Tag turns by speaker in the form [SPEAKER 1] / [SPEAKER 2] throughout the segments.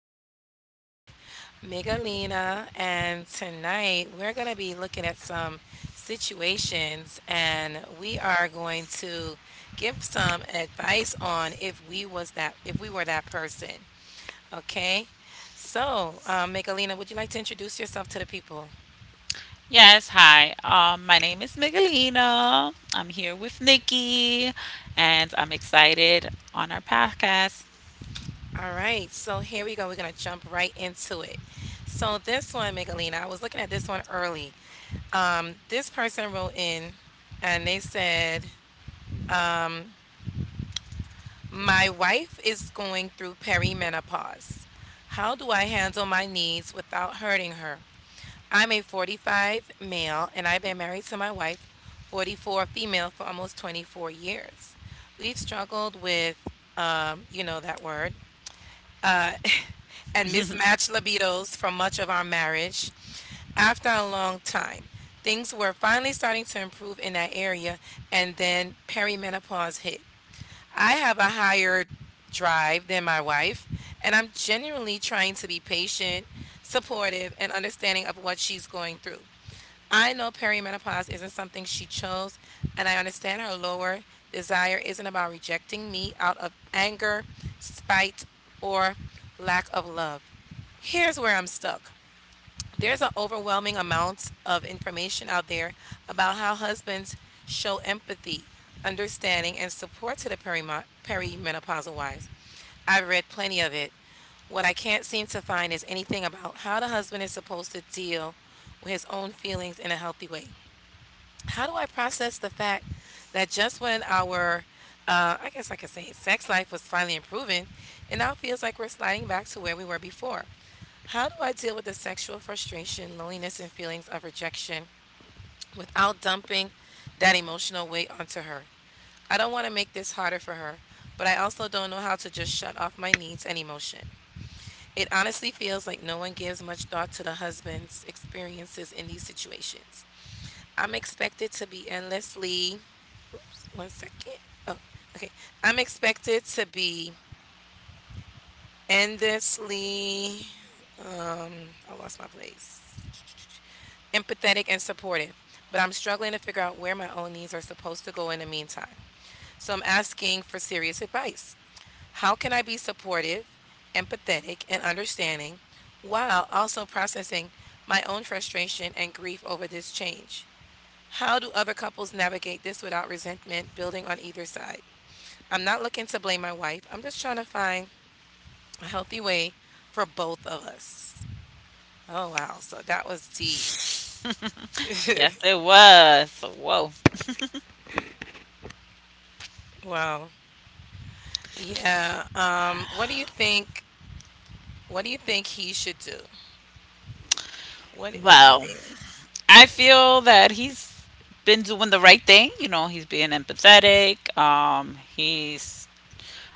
[SPEAKER 1] and I'm here with Megalina. And tonight we're going to be looking at some situations, and we are going to give some advice on if we were that person. Okay, so Megalina, would you like to introduce yourself to the people?
[SPEAKER 2] Yes, hi. My name is Miguelina. I'm here with Nikki, and I'm excited on our podcast.
[SPEAKER 1] All right, so here we go. We're gonna jump right into it. So this one, Megalina, I was looking at this one early. This person wrote in and they said, um, my wife is going through perimenopause. How do I handle my needs without hurting her? I'm a 45 male and I've been married to my wife, 44 female, for almost 24 years. We've struggled with, that word, and mismatched libidos for much of our marriage. After a long time, things were finally starting to improve in that area, and then perimenopause hit. I have a higher drive than my wife, and I'm genuinely trying to be patient, supportive, and understanding of what she's going through. I know perimenopause isn't something she chose, and I understand her lower desire isn't about rejecting me out of anger, spite, or lack of love. Here's where I'm stuck. There's an overwhelming amount of information out there about how husbands show empathy, understanding, and support to the perimenopausal wives. I've read plenty of it. What I can't seem to find is anything about how the husband is supposed to deal with his own feelings in a healthy way. How do I process the fact that just when our, I guess I could say sex life was finally improving, it now feels like we're sliding back to where we were before? How do I deal with the sexual frustration, loneliness, and feelings of rejection without dumping that emotional weight onto her? I don't want to make this harder for her, but I also don't know how to just shut off my needs and emotion. It honestly feels like no one gives much thought to the husband's experiences in these situations. I'm expected to be endlessly. Oops, 1 second. Oh, okay. I'm expected to be endlessly, I lost my place. Empathetic and supportive, but I'm struggling to figure out where my own needs are supposed to go in the meantime. So I'm asking for serious advice. How can I be supportive, empathetic, and understanding while also processing my own frustration and grief over this change? How do other couples navigate this without resentment building on either side? I'm not looking to blame my wife. I'm just trying to find a healthy way for both of us. Oh, wow. So that was deep.
[SPEAKER 2] Yes, it was. Whoa.
[SPEAKER 1] Wow. Yeah. What do you think? What do you think he should do? What do you
[SPEAKER 2] Well,
[SPEAKER 1] think?
[SPEAKER 2] I feel that he's been doing the right thing. You know, he's being empathetic. He's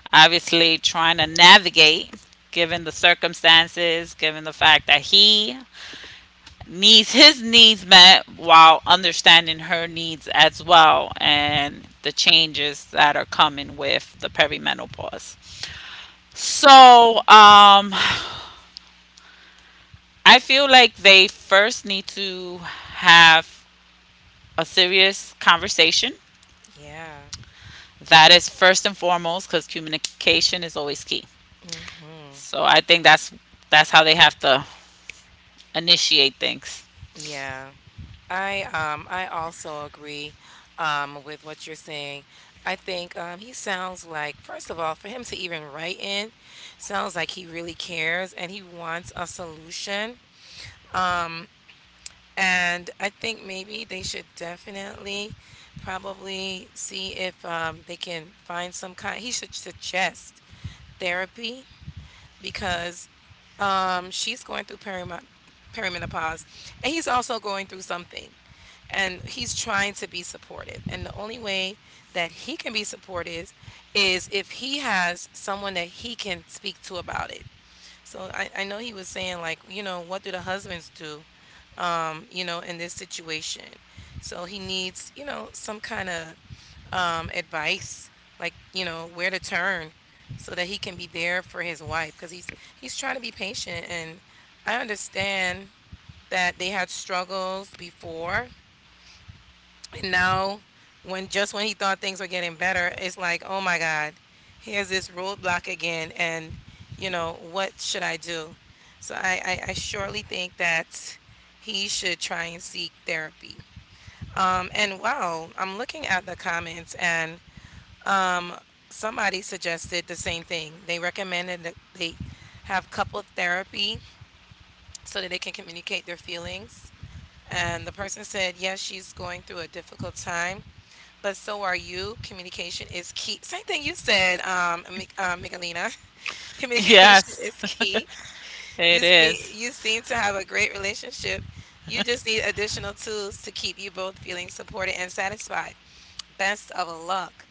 [SPEAKER 2] obviously trying to navigate given the circumstances, given the fact that he needs his needs met while understanding her needs as well and the changes that are coming with the perimenopause.
[SPEAKER 1] Mhm.
[SPEAKER 2] So, I feel like they first need to have a serious conversation.
[SPEAKER 1] Yeah.
[SPEAKER 2] That is first and foremost because communication is always key.
[SPEAKER 1] Hmm.
[SPEAKER 2] So I think that's how they have to initiate things.
[SPEAKER 1] Yeah. I also agree with what you're saying. I think he sounds like, first of all, for him to even write in sounds like he really cares and he wants a solution. Um, and I think maybe they should definitely probably see if, they can find some kind, he should suggest therapy because, she's going through perima perimenopause and he's also going through something. And he's trying to be supportive. And the only way that he can be supportive is if he has someone that he can speak to about it. So I know he was saying, like, what do the husbands do, in this situation? So he needs, some kind of, advice, like, where to turn so that he can be there for his wife because he's trying to be patient. And I understand that they had struggles before, and now, when just when he thought things were getting better, it's like, oh my God, here's this roadblock again. And, what should I do? So I surely think that he should try and seek therapy. And wow, I'm looking at the comments and, um, somebody suggested the same thing. They recommended that they have couple therapy so that they can communicate their feelings. And the person said, yes, she's going through a difficult time but so are you. Communication is key. Same thing you said, Mi Michalina. Communication
[SPEAKER 2] Yes,
[SPEAKER 1] is key.
[SPEAKER 2] it
[SPEAKER 1] You see,
[SPEAKER 2] is.
[SPEAKER 1] you seem to have a great relationship. You just need additional tools to keep you both feeling supported and satisfied. Best of luck.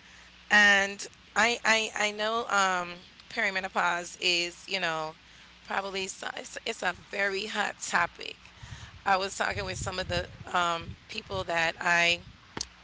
[SPEAKER 1] And I know, perimenopause is, probably so, it's a very hot topic. I was talking with some of the, people that I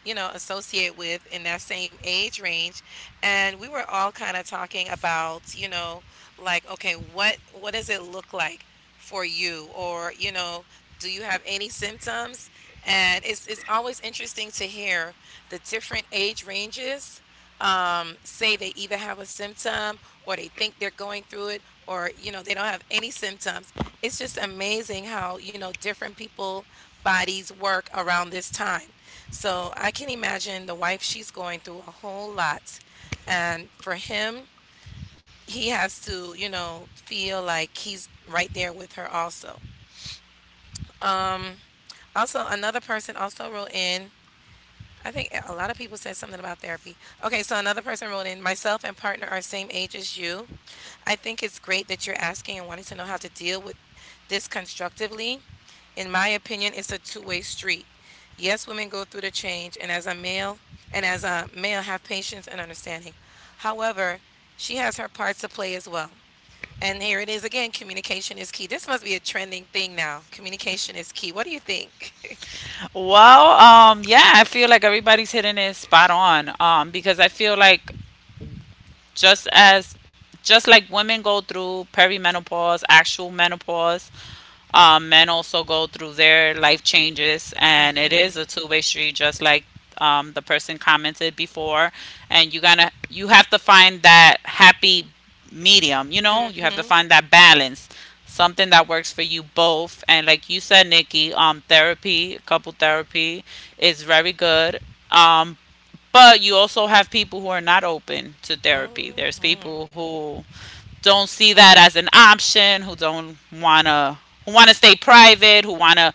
[SPEAKER 1] you know, associate with in that same age range. And we were all kind of talking about, like, okay, what does it look like for you? Or, do you have any symptoms? And it's always interesting to hear the different age ranges, say they either have a symptom or they think they're going through it or they don't have any symptoms. It's just amazing how, different people bodies work around this time. So I can imagine the wife, she's going through a whole lot, and for him, he has to, feel like he's right there with her also. Also, another person also wrote in. I think a lot of people said something about therapy. Okay, so another person wrote in, myself and partner are same age as you. I think it's great that you're asking and wanting to know how to deal with this constructively. In my opinion, it's a two-way street. Yes, women go through the change, and as a male, have patience and understanding. However, she has her parts to play as well. And here it is again, communication is key. This must be a trending thing now. Communication is key. What do you think?
[SPEAKER 2] Well, yeah, I feel like everybody's hitting it spot on. Because I feel like just as just like women go through perimenopause, actual menopause, men also go through their life changes, and it
[SPEAKER 1] Hmm.
[SPEAKER 2] is a two-way street, just like the person commented before. And you have to find that happy medium. You know, you have to
[SPEAKER 1] Hmm.
[SPEAKER 2] find that balance, something that works for you both. And like you said, Nikki, therapy, couple therapy, is very good. Um, but you also have people who are not open to therapy. There's
[SPEAKER 1] Mhm.
[SPEAKER 2] people who don't see that as an option, who don't wanna who wanna stay private, who wanna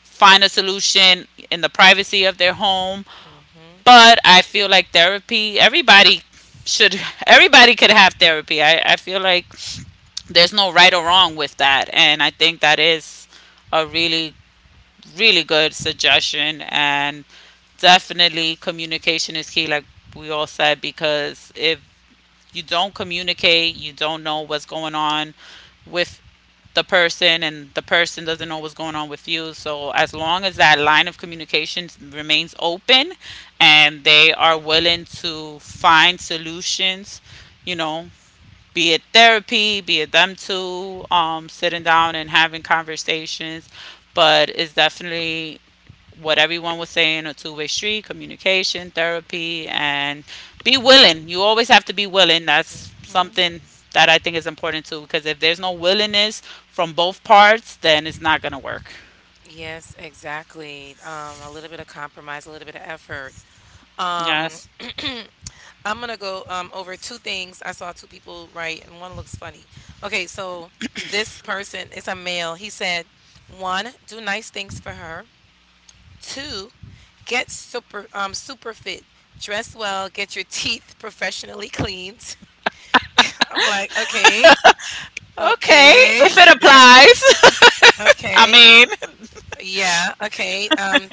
[SPEAKER 2] find a solution in the privacy of their home.
[SPEAKER 1] Mhm.
[SPEAKER 2] But I feel like therapy should everybody could have therapy. I feel like there's no right or wrong with that, and I think that is a really, really good suggestion. And definitely communication is key, like we all said, because if you don't communicate, you don't know what's going on with the person, and the person doesn't know what's going on with you. So as long as that line of communication remains open and they are willing to find solutions you know be it therapy, be it them two, sitting down and having conversations. But it's definitely what everyone was saying, a two-way street, communication, therapy, and be willing. You always have to be willing. That's
[SPEAKER 1] Mhm.
[SPEAKER 2] something that I think is important too, because if there's no willingness from both parts, then it's not going to work.
[SPEAKER 1] Yes, exactly. A little bit of compromise, a little bit of effort. Um,
[SPEAKER 2] Yes.
[SPEAKER 1] I'm gonna go over two things. I saw two people write, and one looks funny. Okay, so this person is a male. He said, one, do nice things for her. Two, get super fit, dress well, get your teeth professionally cleaned. I'm like, okay,
[SPEAKER 2] Okay, if
[SPEAKER 1] okay,
[SPEAKER 2] it
[SPEAKER 1] that,
[SPEAKER 2] applies. I
[SPEAKER 1] okay.
[SPEAKER 2] mean.
[SPEAKER 1] Yeah, okay.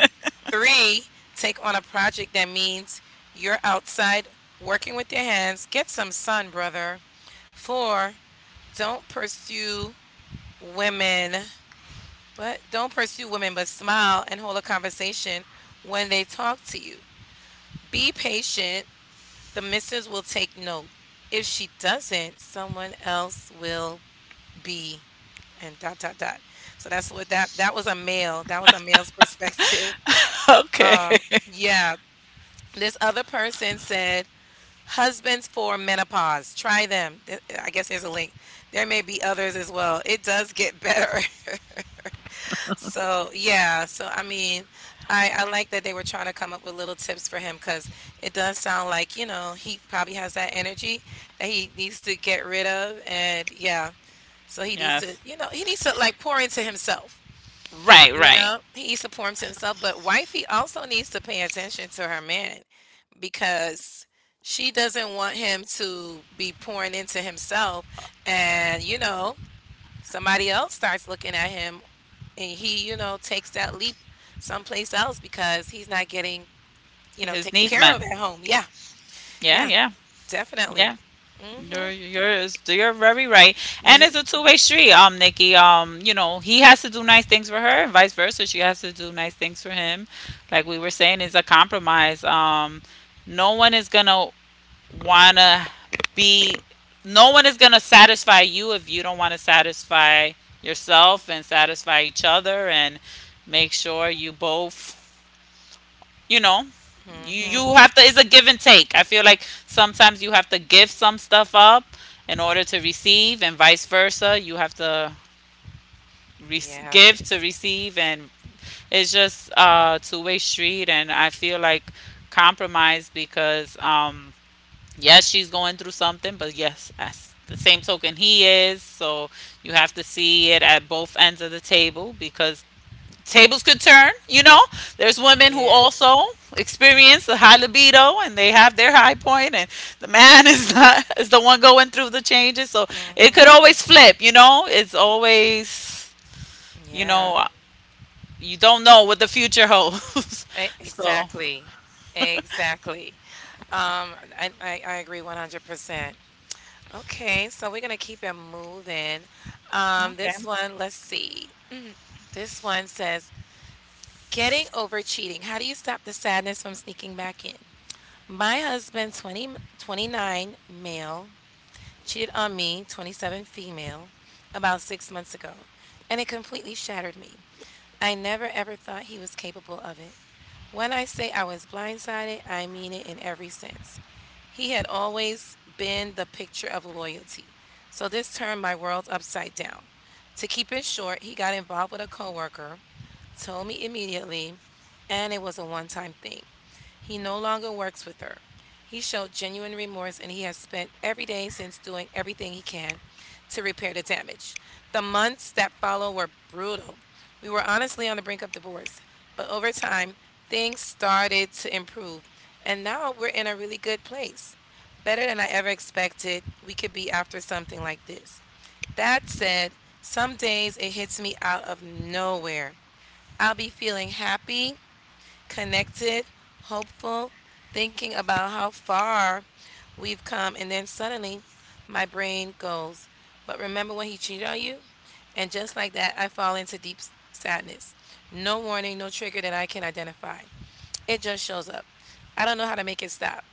[SPEAKER 1] Three, take on a project that means you're outside working with your hands. Get some sun, brother. Four, don't pursue women. What? Don't pursue women, but smile and hold a conversation when they talk to you. Be patient. The missus will take note. If she doesn't, someone else will be. And dot dot dot. So that's what that was a male. That was a male's perspective.
[SPEAKER 2] Okay.
[SPEAKER 1] Yeah, this other person said husbands for menopause. Try them. I guess there's a link. There may be others as well. It does get better. So, yeah, so I mean, I like that they were trying to come up with little tips for him because it does sound like, he probably has that energy that he needs to get rid of and yeah, so he needs to,
[SPEAKER 2] Yes.
[SPEAKER 1] you know, he needs to like pour into himself.
[SPEAKER 2] Right, right.
[SPEAKER 1] He needs to pour into himself, but wifey also needs to pay attention to her man. Because she doesn't want him to be pouring into himself and somebody else starts looking at him and he, takes that leap someplace else because he's not getting,
[SPEAKER 2] His
[SPEAKER 1] taken
[SPEAKER 2] needs,
[SPEAKER 1] care of
[SPEAKER 2] man.
[SPEAKER 1] at home. Yeah.
[SPEAKER 2] Yeah,
[SPEAKER 1] Yeah.
[SPEAKER 2] yeah,
[SPEAKER 1] Definitely.
[SPEAKER 2] yeah. You're
[SPEAKER 1] Mhm.
[SPEAKER 2] you're you're very right, and it's a two-way street. Nikki. You know he has to do nice things for her, and vice versa. She has to do nice things for him. Like we were saying, it's a compromise. No one is gonna wanna be. No one is gonna satisfy you if you don't want to satisfy yourself and satisfy each other, and make sure you both, you know you
[SPEAKER 1] Mhm.
[SPEAKER 2] you have to. It's a give and take. I feel like sometimes you have to give some stuff up in order to receive, and vice versa. You have to re-
[SPEAKER 1] Yeah.
[SPEAKER 2] give to receive. And it's just a two-way street, and I feel like compromise, because yes, she's going through something, but yes, as the same token, he is. So you have to see it at both ends of the table, because tables could turn. You know, there's women who
[SPEAKER 1] Yeah.
[SPEAKER 2] also experience the high libido and they have their high point, and the man is not is the one going through the changes. So it could
[SPEAKER 1] Mhm.
[SPEAKER 2] always flip. You know, it's always, you
[SPEAKER 1] Yeah.
[SPEAKER 2] know uh, you don't know what the future holds.
[SPEAKER 1] E-
[SPEAKER 2] So
[SPEAKER 1] exactly exactly um I agree 100%. Okay, so we're gonna keep it moving.
[SPEAKER 2] okay.
[SPEAKER 1] This one, let's see. This one says, getting over cheating. How do you stop the sadness from sneaking back in? My husband, twenty twenty nine, male, cheated on me, 27, female, about 6 months ago, and it completely shattered me. I never ever thought he was capable of it. When I say I was blindsided, I mean it in every sense. He had always been the picture of loyalty, so this turned my world upside down. To keep it short, he got involved with a coworker, told me immediately, and it was a one time thing. He no longer works with her. He showed genuine remorse and he has spent every day since doing everything he can to repair the damage. The months that follow were brutal. We were honestly on the brink of divorce, but over time, things started to improve, and now we're in a really good place. Better than I ever expected we could be after something like this. That said, some days it hits me out of nowhere. I'll be feeling happy, connected, hopeful, thinking about how far we've come. And then suddenly my brain goes, "But remember when he cheated on you?" And just like that, I fall into deep sadness. No warning, no trigger that I can identify. It just shows up. I don't know how to make it stop.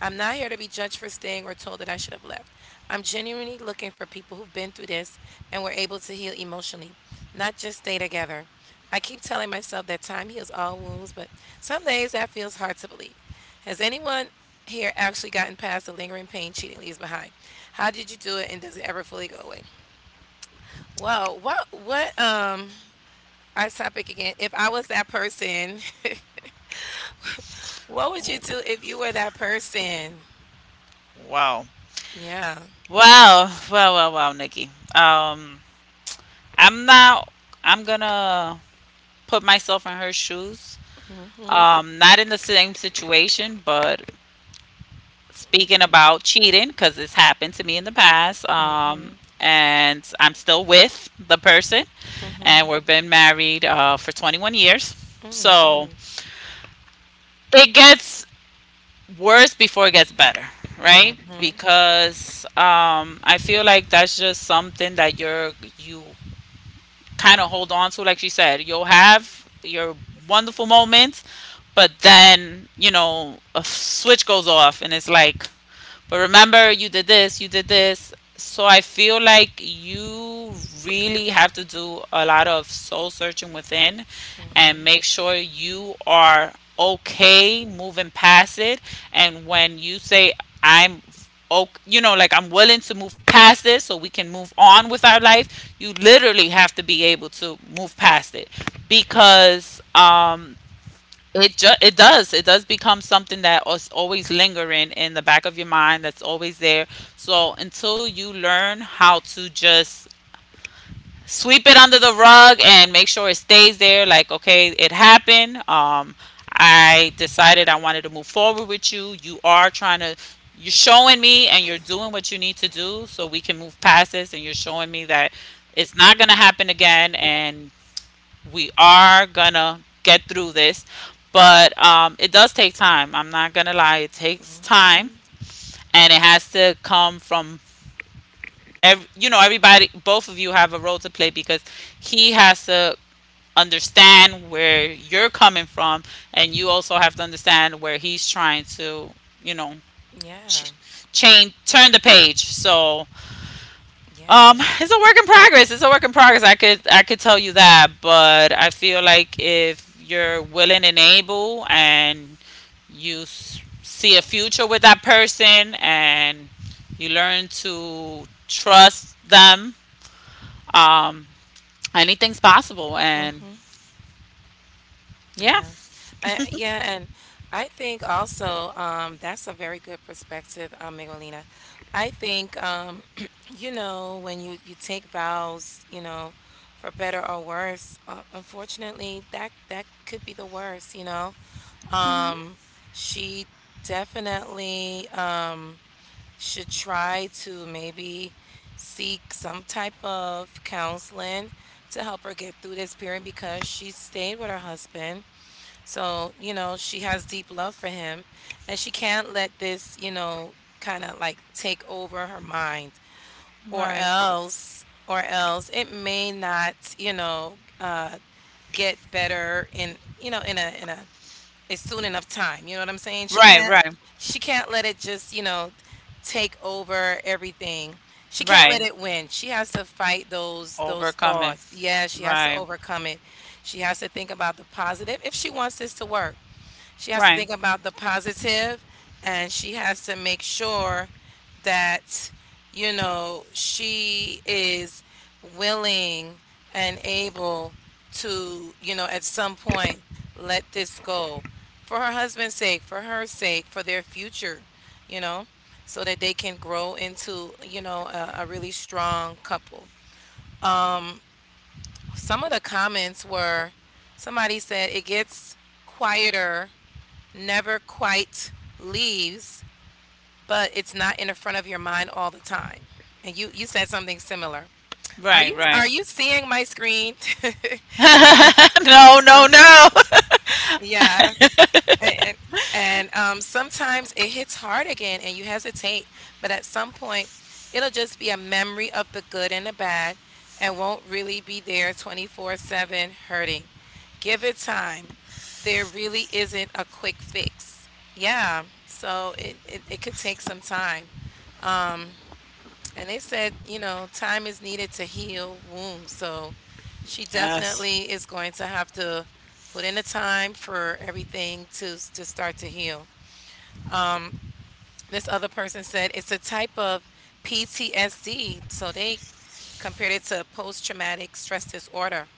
[SPEAKER 1] I'm not here to be judged for staying or told that I should have left. I'm genuinely looking for people who've been through this and were able to heal emotionally, not just stay together. I keep telling myself that time heals all wounds, but some days that feels hard to believe. Has anyone here actually gotten past the lingering pain cheating leaves behind? How did you do it, and does it ever fully go away? Well, what our topic again. If I was that person, what would you do if you were that person?
[SPEAKER 2] Wow,
[SPEAKER 1] Yeah.
[SPEAKER 2] wow, wow, wow, wow, Nikki. I'm not. I'm gonna put myself in her shoes.
[SPEAKER 1] Hmm.
[SPEAKER 2] Not in the same situation, but speaking about cheating because it's happened to me in the past.
[SPEAKER 1] Mhm,
[SPEAKER 2] And I'm still with the person, and
[SPEAKER 1] mhm,
[SPEAKER 2] we've been married for 21 years. So
[SPEAKER 1] mhm,
[SPEAKER 2] it gets worse before it gets better, right?
[SPEAKER 1] mhm,
[SPEAKER 2] Because I feel like that's just something that you kind of hold on to, like she said. You'll have your wonderful moments, but then you know a switch goes off, and it's like, But remember, you did this, you did this. So I feel like you really have to do a lot of soul searching within and
[SPEAKER 1] mhm,
[SPEAKER 2] make sure you are okay moving past it. And when you say, I'm okay, you know, like I'm willing to move past this so we can move on with our life, you literally have to be able to move past it, because it does. It does become something that is always lingering in the back of your mind. That's always there. So until you learn how to just sweep it under the rug and make sure it stays there, like okay, it happened. I decided I wanted to move forward with you. You are trying to. You're showing me, and you're doing what you need to do, so we can move past this. And you're showing me that it's not gonna happen again, and we are gonna get through this, but it does take time. I'm not gonna lie, it takes time,
[SPEAKER 1] mhm.
[SPEAKER 2] and it has to come from everybody. Both of you have a role to play, because he has to understand where you're coming from, and you also have to understand where he's trying to, you know,
[SPEAKER 1] Yeah,
[SPEAKER 2] ch- change, turn the page. So,
[SPEAKER 1] yeah,
[SPEAKER 2] It's a work in progress. It's a work in progress. I could tell you that, but I feel like if you're willing and able, and you see a future with that person, and you learn to trust them, um, anything's possible. And
[SPEAKER 1] mhm,
[SPEAKER 2] yeah.
[SPEAKER 1] yeah. Yeah, and I think also that's a very good perspective, Miguelina. I think you know when you take vows, you know, for better or worse. Unfortunately, that could be the worst. You know,
[SPEAKER 2] Hmm.
[SPEAKER 1] um, she definitely. Should try to maybe seek some type of counseling to help her get through this period because she stayed with her husband. So, you know, she has deep love for him and she can't let this, you know, kind of like take over her mind
[SPEAKER 2] Right,
[SPEAKER 1] or else it may not, you know, get better in, you know, in a it's soon enough time, you know what I'm saying? She
[SPEAKER 2] right,
[SPEAKER 1] can't
[SPEAKER 2] right,
[SPEAKER 1] she can't let it just, you know, take over everything. She can't let
[SPEAKER 2] right.
[SPEAKER 1] it win. She has to fight those
[SPEAKER 2] Overcoming.
[SPEAKER 1] thoughts. Yeah, she has to
[SPEAKER 2] Right,
[SPEAKER 1] overcome it. She has to think about the positive if she wants this to work. She has to
[SPEAKER 2] right,
[SPEAKER 1] think about the positive, and she has to make sure that, you know, she is willing and able to, you know, at some point let this go for her husband's sake, for her sake, for their future, you know, so that they can grow into, you know, a really strong couple. Some of the comments were somebody said it gets quieter, never quite leaves, but it's not in the front of your mind all the time. And you said something similar. Are
[SPEAKER 2] right,
[SPEAKER 1] you
[SPEAKER 2] right.
[SPEAKER 1] are you seeing my screen?
[SPEAKER 2] No, no,
[SPEAKER 1] So,
[SPEAKER 2] no.
[SPEAKER 1] yeah. And sometimes it hits hard again and you hesitate, but at some point, it'll just be a memory of the good and the bad and won't really be there 24/7 hurting. Give it time. There really isn't a quick fix. Yeah, so it could take some time. And they said, you know, time is needed to heal wounds. So she
[SPEAKER 2] Yes.
[SPEAKER 1] definitely is going to have to put in the time for everything to start to heal. This other person said it's a type of PTSD, so they compared it to post traumatic stress disorder.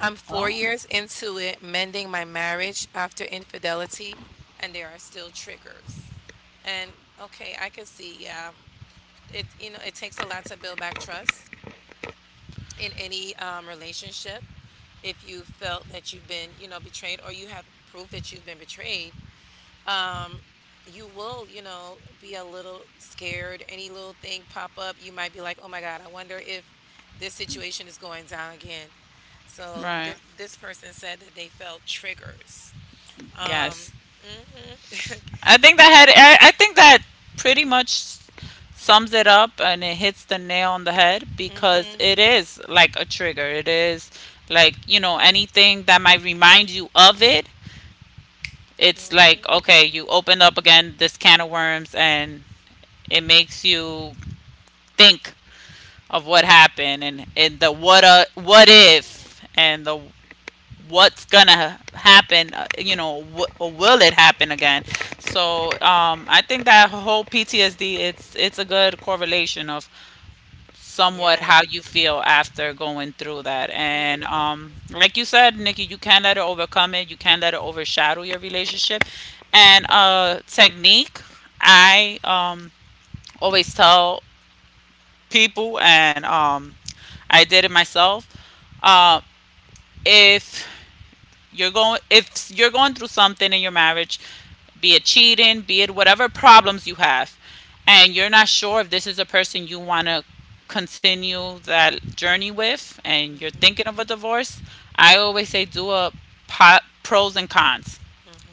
[SPEAKER 1] I'm four
[SPEAKER 2] Oh,
[SPEAKER 1] years into it, mending my marriage after infidelity, and there are still triggers. And okay, I can see, yeah, it you know it takes a lot to build back trust in any relationship. If you felt that you've been you know betrayed, or you have proof that you've been betrayed, you will, you know, be a little scared. Any little thing pop up, you might be like, "Oh my God, I wonder if this situation is going down again." So
[SPEAKER 2] right.
[SPEAKER 1] this person said that they felt triggers. Um,
[SPEAKER 2] Yes.
[SPEAKER 1] hmm,
[SPEAKER 2] I think that had I think that pretty much sums it up, and it hits the nail on the head, because
[SPEAKER 1] hmm,
[SPEAKER 2] it is like a trigger. It is like, you know, anything that might remind you of it. It's like,
[SPEAKER 1] hmm,
[SPEAKER 2] okay, you opened up again this can of worms, and it makes you think of what happened, and the what if, and the what's gonna happen, or will it happen again. So, I think that whole PTSD, it's a good correlation of somewhat
[SPEAKER 1] yeah,
[SPEAKER 2] how you feel after going through that. And
[SPEAKER 1] hmm,
[SPEAKER 2] like you said, Nikki, you can't let it overcome it, you can't let it overshadow your relationship. And, technique, I always tell people, and I did it myself. uh, if you're going if you're going through something in your marriage, be it cheating, be it whatever problems you have, and you're not sure if this is a person you want to continue that journey with, and you're
[SPEAKER 1] hmm,
[SPEAKER 2] thinking of a divorce, I always say do a pros and cons.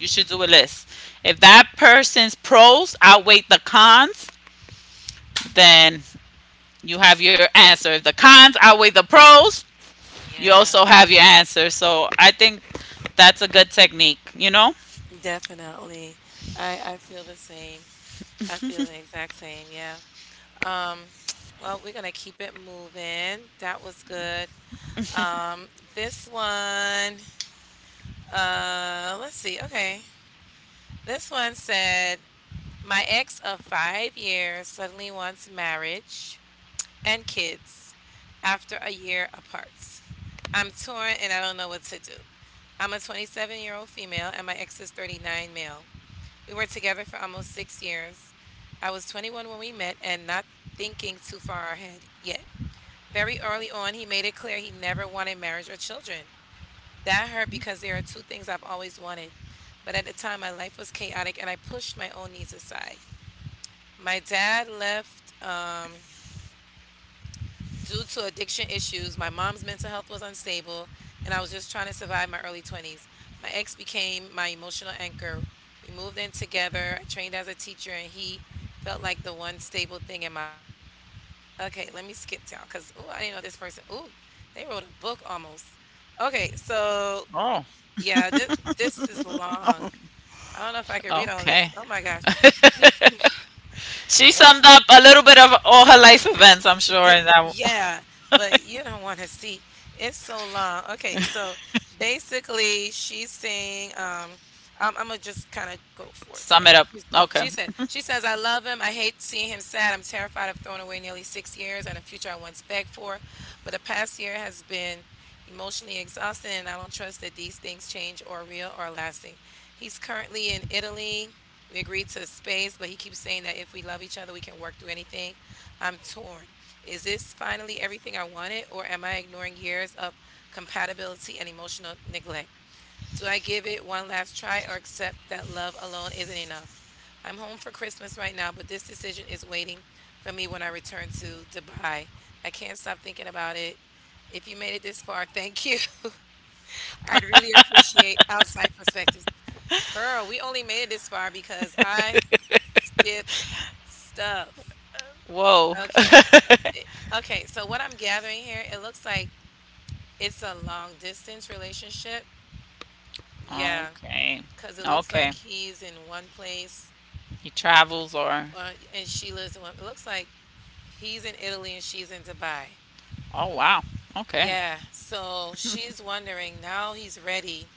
[SPEAKER 2] You should do a list. If that person's pros outweigh the cons, then you have your answer. If the cons outweigh the pros, you
[SPEAKER 1] yeah,
[SPEAKER 2] also have your answer. So I think that's a good technique, you know?
[SPEAKER 1] definitely. I feel the same. I feel the exact same. Yeah. Um, well, we're gonna keep it moving. That was good. Um, this one, let's see. Okay. This one said, "My ex of five years suddenly wants marriage and kids after a year apart. I'm torn and I don't know what to do. I'm a 27-year-old female and my ex is 39 male. We were together for almost six years. I was 21 when we met and not thinking too far ahead yet. Very early on, he made it clear he never wanted marriage or children. That hurt because there are two things I've always wanted, but at the time my life was chaotic and I pushed my own needs aside. My dad left due to addiction issues. My mom's mental health was unstable, and I was just trying to survive my early 20s. My ex became my emotional anchor. We moved in together. I trained as a teacher, and he felt like the one stable thing in my life." Okay, let me skip down because oh, I didn't know this person. Oh, they wrote a book almost. Okay, so
[SPEAKER 2] Oh,
[SPEAKER 1] yeah, this is long. I don't know if I could read all
[SPEAKER 2] okay.
[SPEAKER 1] this. Oh my gosh. These people
[SPEAKER 2] She
[SPEAKER 1] wa
[SPEAKER 2] summed up a little bit of all her life events, I'm sure,
[SPEAKER 1] Ye
[SPEAKER 2] and I will
[SPEAKER 1] yeah, but you don't wanna see. It's so long. Okay, so basically, she's saying, I'm gonna just kind of go for it to the
[SPEAKER 2] sum it
[SPEAKER 1] end.
[SPEAKER 2] up. Okay.
[SPEAKER 1] She said, she says, "I love him. I hate seeing him sad. I'm terrified of throwing away nearly six years and a future I once begged for. But the past year has been emotionally exhausting, and I don't trust that these things change or are real or are lasting. He's currently in Italy. We agreed to space, but he keeps saying that if we love each other, we can work through anything. I'm torn. Is this finally everything I wanted, or am I ignoring years of compatibility and emotional neglect? Do I give it one last try or accept that love alone isn't enough? I'm home for Christmas right now, but this decision is waiting for me when I return to Dubai. I can't stop thinking about it. If you made it this far, thank you." "I'd really appreciate outside perspectives." Girl, we only made it this far because I skipped stuff.
[SPEAKER 2] Whoa.
[SPEAKER 1] Okay. So it, okay. So what I'm gathering here, it looks like it's a long distance relationship. Yeah,
[SPEAKER 2] Okay.
[SPEAKER 1] because it looks
[SPEAKER 2] Okay.
[SPEAKER 1] like he's in one place.
[SPEAKER 2] He travels, or
[SPEAKER 1] Well, and she lives in what it looks like he's in Italy and she's in Dubai.
[SPEAKER 2] oh wow. Okay.
[SPEAKER 1] Yeah, so she's wondering now he's ready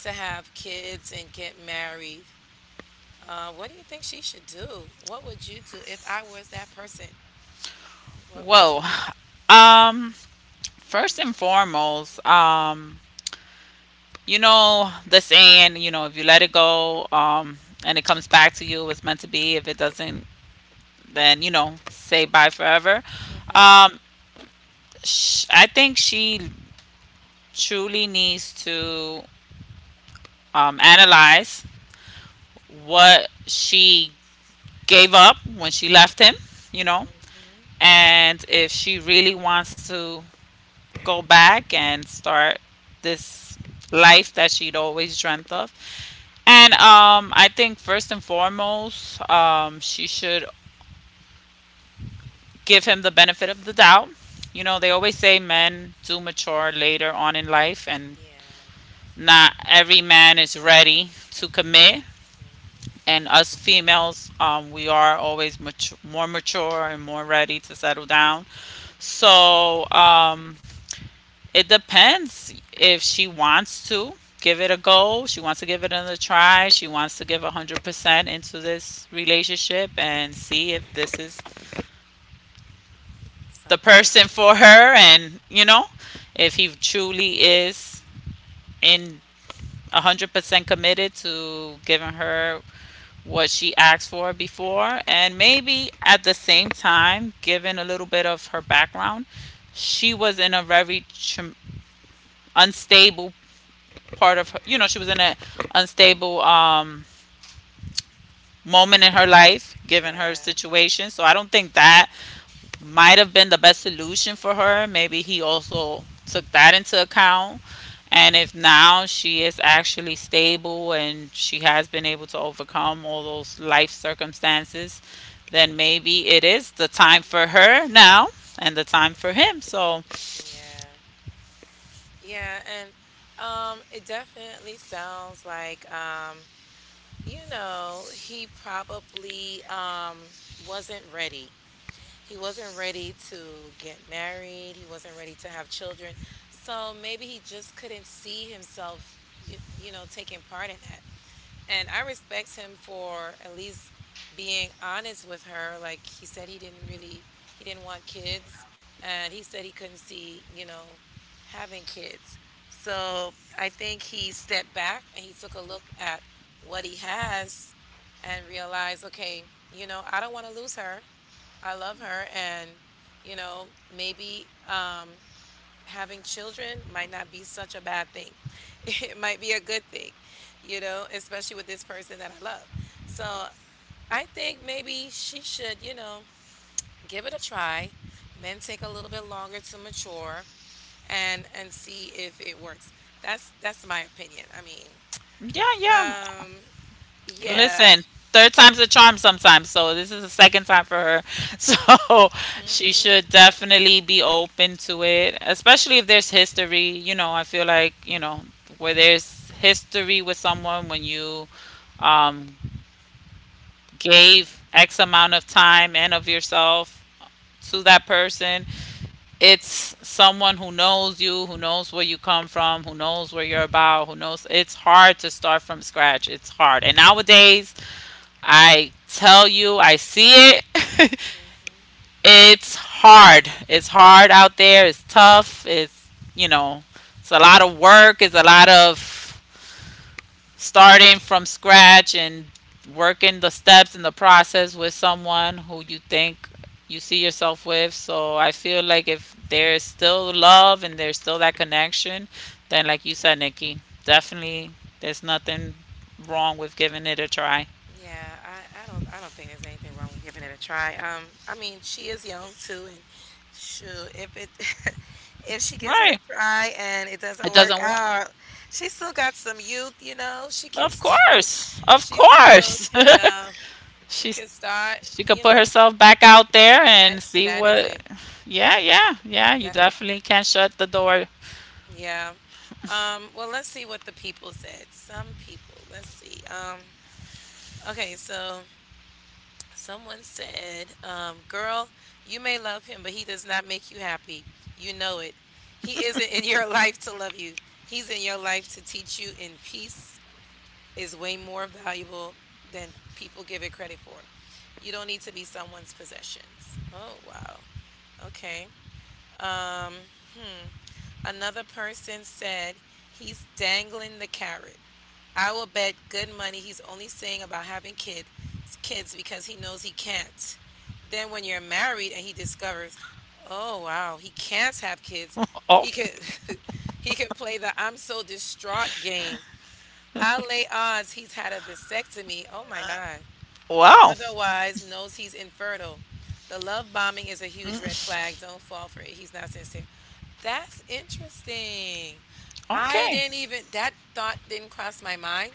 [SPEAKER 1] to have kids and get married. What do you think she should do? What would you do if I was that person? What would
[SPEAKER 2] Whoa.
[SPEAKER 1] you do?
[SPEAKER 2] Um First and foremost, you know the saying, you know, if you let it go, and it comes back to you, it's meant to be. If it doesn't, then you know, say bye forever.
[SPEAKER 1] Mm-hmm.
[SPEAKER 2] Um I think she truly needs to analyze what she gave up when she left him, you know,
[SPEAKER 1] Mm-hmm.
[SPEAKER 2] and if she really wants to go back and start this life that she'd always dreamt of. And I think first and foremost, she should give him the benefit of the doubt. You know, they always say men do mature later on in life, and
[SPEAKER 1] Yeah.
[SPEAKER 2] not every man is ready to commit. And us females, we are always mature, more mature and more ready to settle
[SPEAKER 1] Mm-hmm.
[SPEAKER 2] down.
[SPEAKER 1] Mm-hmm.
[SPEAKER 2] So, it depends if she wants to give it a go. She wants to give it another try. She wants to give 100% into this relationship and see if this is the
[SPEAKER 1] Something.
[SPEAKER 2] person for her, and, you
[SPEAKER 1] Mm,
[SPEAKER 2] know, if he truly is in
[SPEAKER 1] yeah.
[SPEAKER 2] 100% committed to giving her what she asked for before. And maybe at the same time, given a little bit of her background, she was in a very unstable part of
[SPEAKER 1] Mm-hmm.
[SPEAKER 2] her, you know, she was in an unstable moment in her life, given her
[SPEAKER 1] Yeah.
[SPEAKER 2] situation. So I don't think that might have been the best solution for her. Maybe he also took that into account. And if now she is actually stable and she has been able to overcome all those life circumstances, then maybe it is the time for her now and the time for him. So,
[SPEAKER 1] Yeah. Yeah. And it definitely sounds like you know, he probably wasn't ready. He wasn't ready to get married. He wasn't ready to have children. So maybe he just couldn't see himself, you know, taking part in that. And I respect him for at least being honest with her. Like he said he didn't want kids and he said he couldn't see, you know, having kids. So I think he stepped back and he took a look at what he has and realized, okay, you know, I don't want to lose her. I love her and you know, maybe having children might not be such a bad thing. It might be a good thing, you know, especially with this person that I love. So I think maybe she should, you know, give it a try. Men take a little bit longer to mature and see if it works. That's my opinion. I mean,
[SPEAKER 2] yeah, yeah,
[SPEAKER 1] um, yeah.
[SPEAKER 2] listen, third time's a charm sometimes. So this is the second time for her. So she
[SPEAKER 1] Mm-hmm.
[SPEAKER 2] should definitely be open to it, especially if there's history. I feel like, where there's history with someone when you um, gave
[SPEAKER 1] Yeah.
[SPEAKER 2] X amount of time and of yourself to that person. It's someone who knows you, who knows where you come from, who knows where you're about, who knows. It's hard to start from scratch. It's hard. And nowadays, I tell you, I see it.
[SPEAKER 1] Mhm.
[SPEAKER 2] It's hard. It's hard out there. It's tough. You know, it's a lot of work. It's a lot of starting from scratch and working the steps in the process with someone who you think you see yourself with. So I feel like if there's still love and there's still that connection, then, like you said, Nikki, definitely there's nothing wrong with giving it a try.
[SPEAKER 1] Yeah, I don't think there's anything wrong with giving it a try. I mean, she is young too, and sure, if it if she gives it
[SPEAKER 2] Right.
[SPEAKER 1] a try and it
[SPEAKER 2] It
[SPEAKER 1] doesn't work
[SPEAKER 2] doesn't work.
[SPEAKER 1] out, she still got some youth, you know. She can
[SPEAKER 2] Of
[SPEAKER 1] still
[SPEAKER 2] course. Of
[SPEAKER 1] she still
[SPEAKER 2] course.
[SPEAKER 1] could she
[SPEAKER 2] She's
[SPEAKER 1] could start,
[SPEAKER 2] she could
[SPEAKER 1] you
[SPEAKER 2] put
[SPEAKER 1] know,
[SPEAKER 2] herself back out there and see
[SPEAKER 1] that
[SPEAKER 2] what.
[SPEAKER 1] isn't
[SPEAKER 2] Yeah, yeah. Yeah, you
[SPEAKER 1] that
[SPEAKER 2] definitely can not shut the door.
[SPEAKER 1] yeah. Well, let's see what the people said. Some people, let's see. Okay, so someone said, "Girl, you may love him, but he does not make you happy. You know it. He isn't in your life to love you, he's in your life to teach you, and peace is way more valuable than people give it credit for. You don't need to be someone's possessions." Oh, wow. Okay. Um, hmm. Another person said, "He's dangling the carrot. I will bet good money he's only saying about having kids because he knows he can't. Then when you're married and he discovers, oh wow, he can't have kids,
[SPEAKER 2] Oh,
[SPEAKER 1] he could he can play the 'I'm so distraught' game. I'll lay odds he's had a vasectomy, oh my God, or
[SPEAKER 2] wow.
[SPEAKER 1] otherwise knows he's infertile. The love bombing is a huge red flag. Don't fall for it. He's not sincere." That's interesting. I
[SPEAKER 2] Okay.
[SPEAKER 1] didn't even, that thought didn't cross my mind.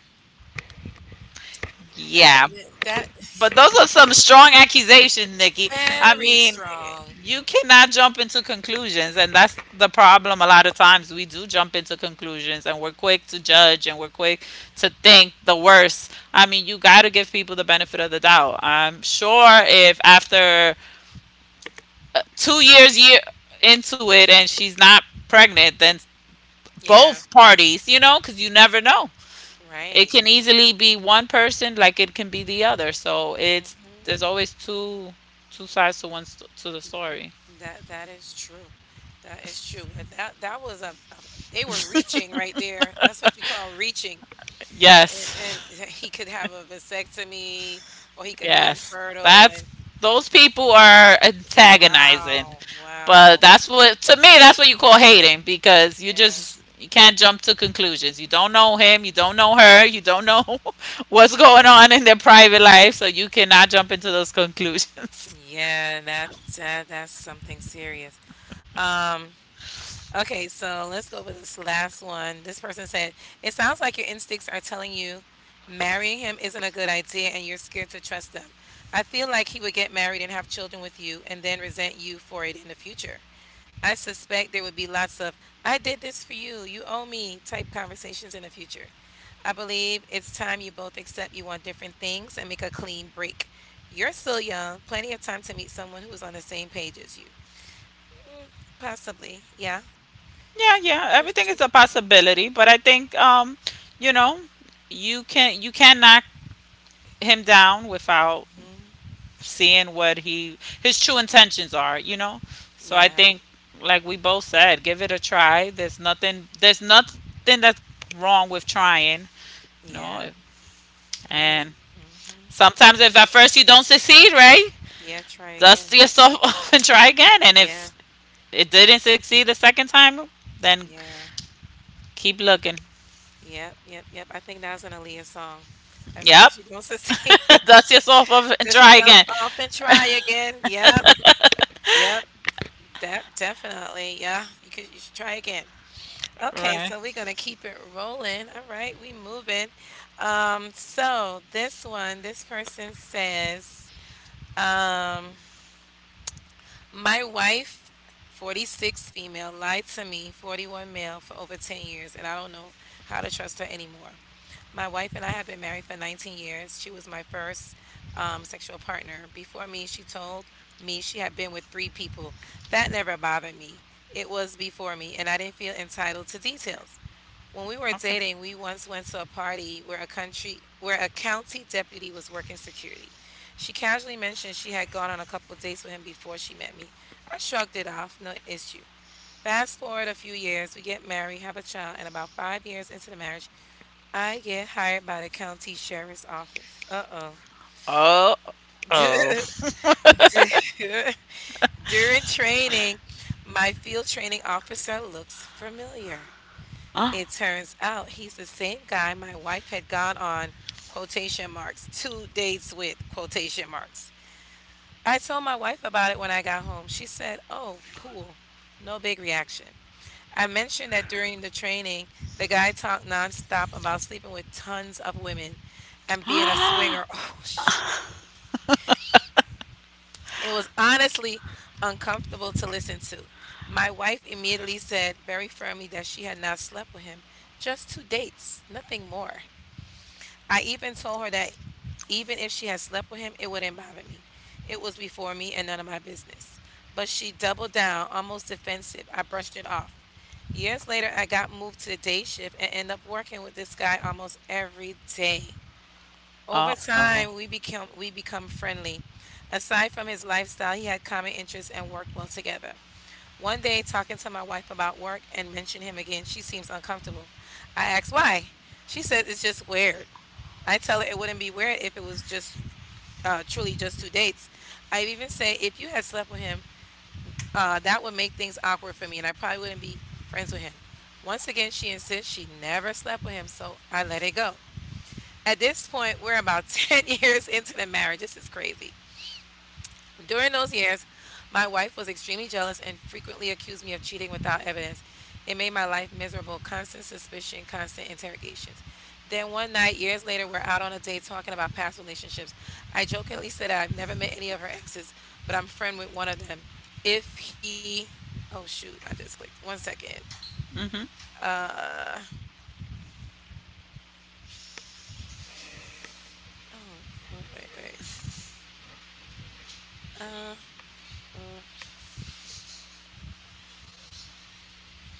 [SPEAKER 1] That
[SPEAKER 2] Yeah,
[SPEAKER 1] that
[SPEAKER 2] but those are some strong accusations, Nikki. I
[SPEAKER 1] very
[SPEAKER 2] mean,
[SPEAKER 1] strong.
[SPEAKER 2] you cannot jump into conclusions, and that's the problem. A lot of times we do jump into conclusions, and we're quick to judge, and we're quick to think the worst. I mean, you got to give people the benefit of the doubt. I'm sure if after 2 years year into it, and she's not pregnant, then
[SPEAKER 1] Yeah,
[SPEAKER 2] both parties, because you never know. It
[SPEAKER 1] right.
[SPEAKER 2] can easily be one person, like it can be the other. So it's
[SPEAKER 1] Mhm.
[SPEAKER 2] there's always two sides to to the story.
[SPEAKER 1] That is true. That is true. But that was a they were reaching right there. That's what you call reaching.
[SPEAKER 2] Yes,
[SPEAKER 1] And he could have a vasectomy or he could be
[SPEAKER 2] yes.
[SPEAKER 1] infertile
[SPEAKER 2] That's
[SPEAKER 1] and
[SPEAKER 2] those people are antagonizing,
[SPEAKER 1] wow,
[SPEAKER 2] but
[SPEAKER 1] wow.
[SPEAKER 2] that's what to me that's what you call hating because you
[SPEAKER 1] Yeah.
[SPEAKER 2] just you can't jump to conclusions. You don't know him, you don't know her, you don't know what's going
[SPEAKER 1] Yeah.
[SPEAKER 2] on in their private life, so you cannot jump into those conclusions.
[SPEAKER 1] Yeah, that that's something serious. Um Okay, so let's go with this last one. This person said, it sounds like your instincts are telling you marrying him isn't a good idea and you're scared to trust them. I feel like he would get married and have children with you and then resent you for it in the future. I suspect there would be lots of 'I did this for you, you owe me' type conversations in the future. I believe it's time you both accept you want different things and make a clean break. You're still young, plenty of time to meet someone who is on the same page as you. Mm, possibly, yeah.
[SPEAKER 2] Yeah,
[SPEAKER 1] She
[SPEAKER 2] yeah,
[SPEAKER 1] just
[SPEAKER 2] everything is
[SPEAKER 1] she
[SPEAKER 2] a possibility, but I think you know, you can knock him down without
[SPEAKER 1] Mhm.
[SPEAKER 2] seeing what he his true intentions are, you know? So I
[SPEAKER 1] Yeah,
[SPEAKER 2] think like we both said, give it a try. There's nothing that's wrong with trying, you know?
[SPEAKER 1] yeah. I
[SPEAKER 2] And
[SPEAKER 1] mhm.
[SPEAKER 2] sometimes if at first you don't succeed, right?
[SPEAKER 1] Yeah, try
[SPEAKER 2] Dust
[SPEAKER 1] again.
[SPEAKER 2] yourself off and try again. And
[SPEAKER 1] Yeah,
[SPEAKER 2] if it didn't succeed the second time, then
[SPEAKER 1] yeah.
[SPEAKER 2] keep looking.
[SPEAKER 1] Yep, yep, yep. I think that was an Aaliyah song. At
[SPEAKER 2] Yep.
[SPEAKER 1] first you don't succeed,
[SPEAKER 2] Dust yourself off and
[SPEAKER 1] dust
[SPEAKER 2] try
[SPEAKER 1] yourself
[SPEAKER 2] again.
[SPEAKER 1] off and try again. Yep, yep. That definitely, yeah. You could you should try again. Okay,
[SPEAKER 2] Right.
[SPEAKER 1] so we're gonna keep it rolling. All right, we moving. So this one, this person says, um my wife, 46 female, lied to me, 41 male, for over 10 years, and I don't know how to trust her anymore. My wife and I have been married for 19 years. She was my first sexual partner. Before me, she told me she had been with three people. That never bothered me. It was before me, and I didn't feel entitled to details. When we were
[SPEAKER 2] Okay.
[SPEAKER 1] dating, we once went to a party where a country where a county deputy was working security. She casually mentioned she had gone on a couple dates with him before she met me. I shrugged it off, no issue. Fast forward a few years, we get married, have a child, and about 5 years into the marriage, I get hired by the county sheriff's office. Uh oh.
[SPEAKER 2] Oh. Oh.
[SPEAKER 1] During training, my field training officer looks familiar.
[SPEAKER 2] Oh.
[SPEAKER 1] It turns out he's the same guy my wife had gone on quotation marks two dates with quotation marks. I told my wife about it when I got home. She said, "Oh, cool. No big reaction." I mentioned that during the training, the guy talked nonstop about sleeping with tons of women and being a swinger. Oh shit. It was honestly uncomfortable to listen to. My wife immediately said very firmly that she had not slept with him, just two dates, nothing more. I even told her that even if she had slept with him, it wouldn't bother me. It was before me and none of my business. But she doubled down, almost defensive. I brushed it off. Years later, I got moved to the day shift and end up working with this guy almost every day. Over
[SPEAKER 2] Oh. Oh.
[SPEAKER 1] time, we become friendly. Aside from his lifestyle, he had common interests and worked well together. One day, talking to my wife about work and mentioned him again, she seems uncomfortable. I asked why. She said it's just weird. I tell her it wouldn't be weird if it was just truly just two dates. I even say if you had slept with him, that would make things awkward for me, and I probably wouldn't be friends with him. Once again, she insists she never slept with him, so I let it go. At this point, we're about 10 years into the marriage. This is crazy. During those years, my wife was extremely jealous and frequently accused me of cheating without evidence. It made my life miserable, constant suspicion, constant interrogations. Then one night, years later, we're out on a date talking about past relationships. I jokingly said that I've never met any of her exes, but I'm friend with one of them. If he, oh shoot, I just clicked. One second.
[SPEAKER 2] Mm-hmm.
[SPEAKER 1] Uh, oh, wait, wait, wait. Uh, uh,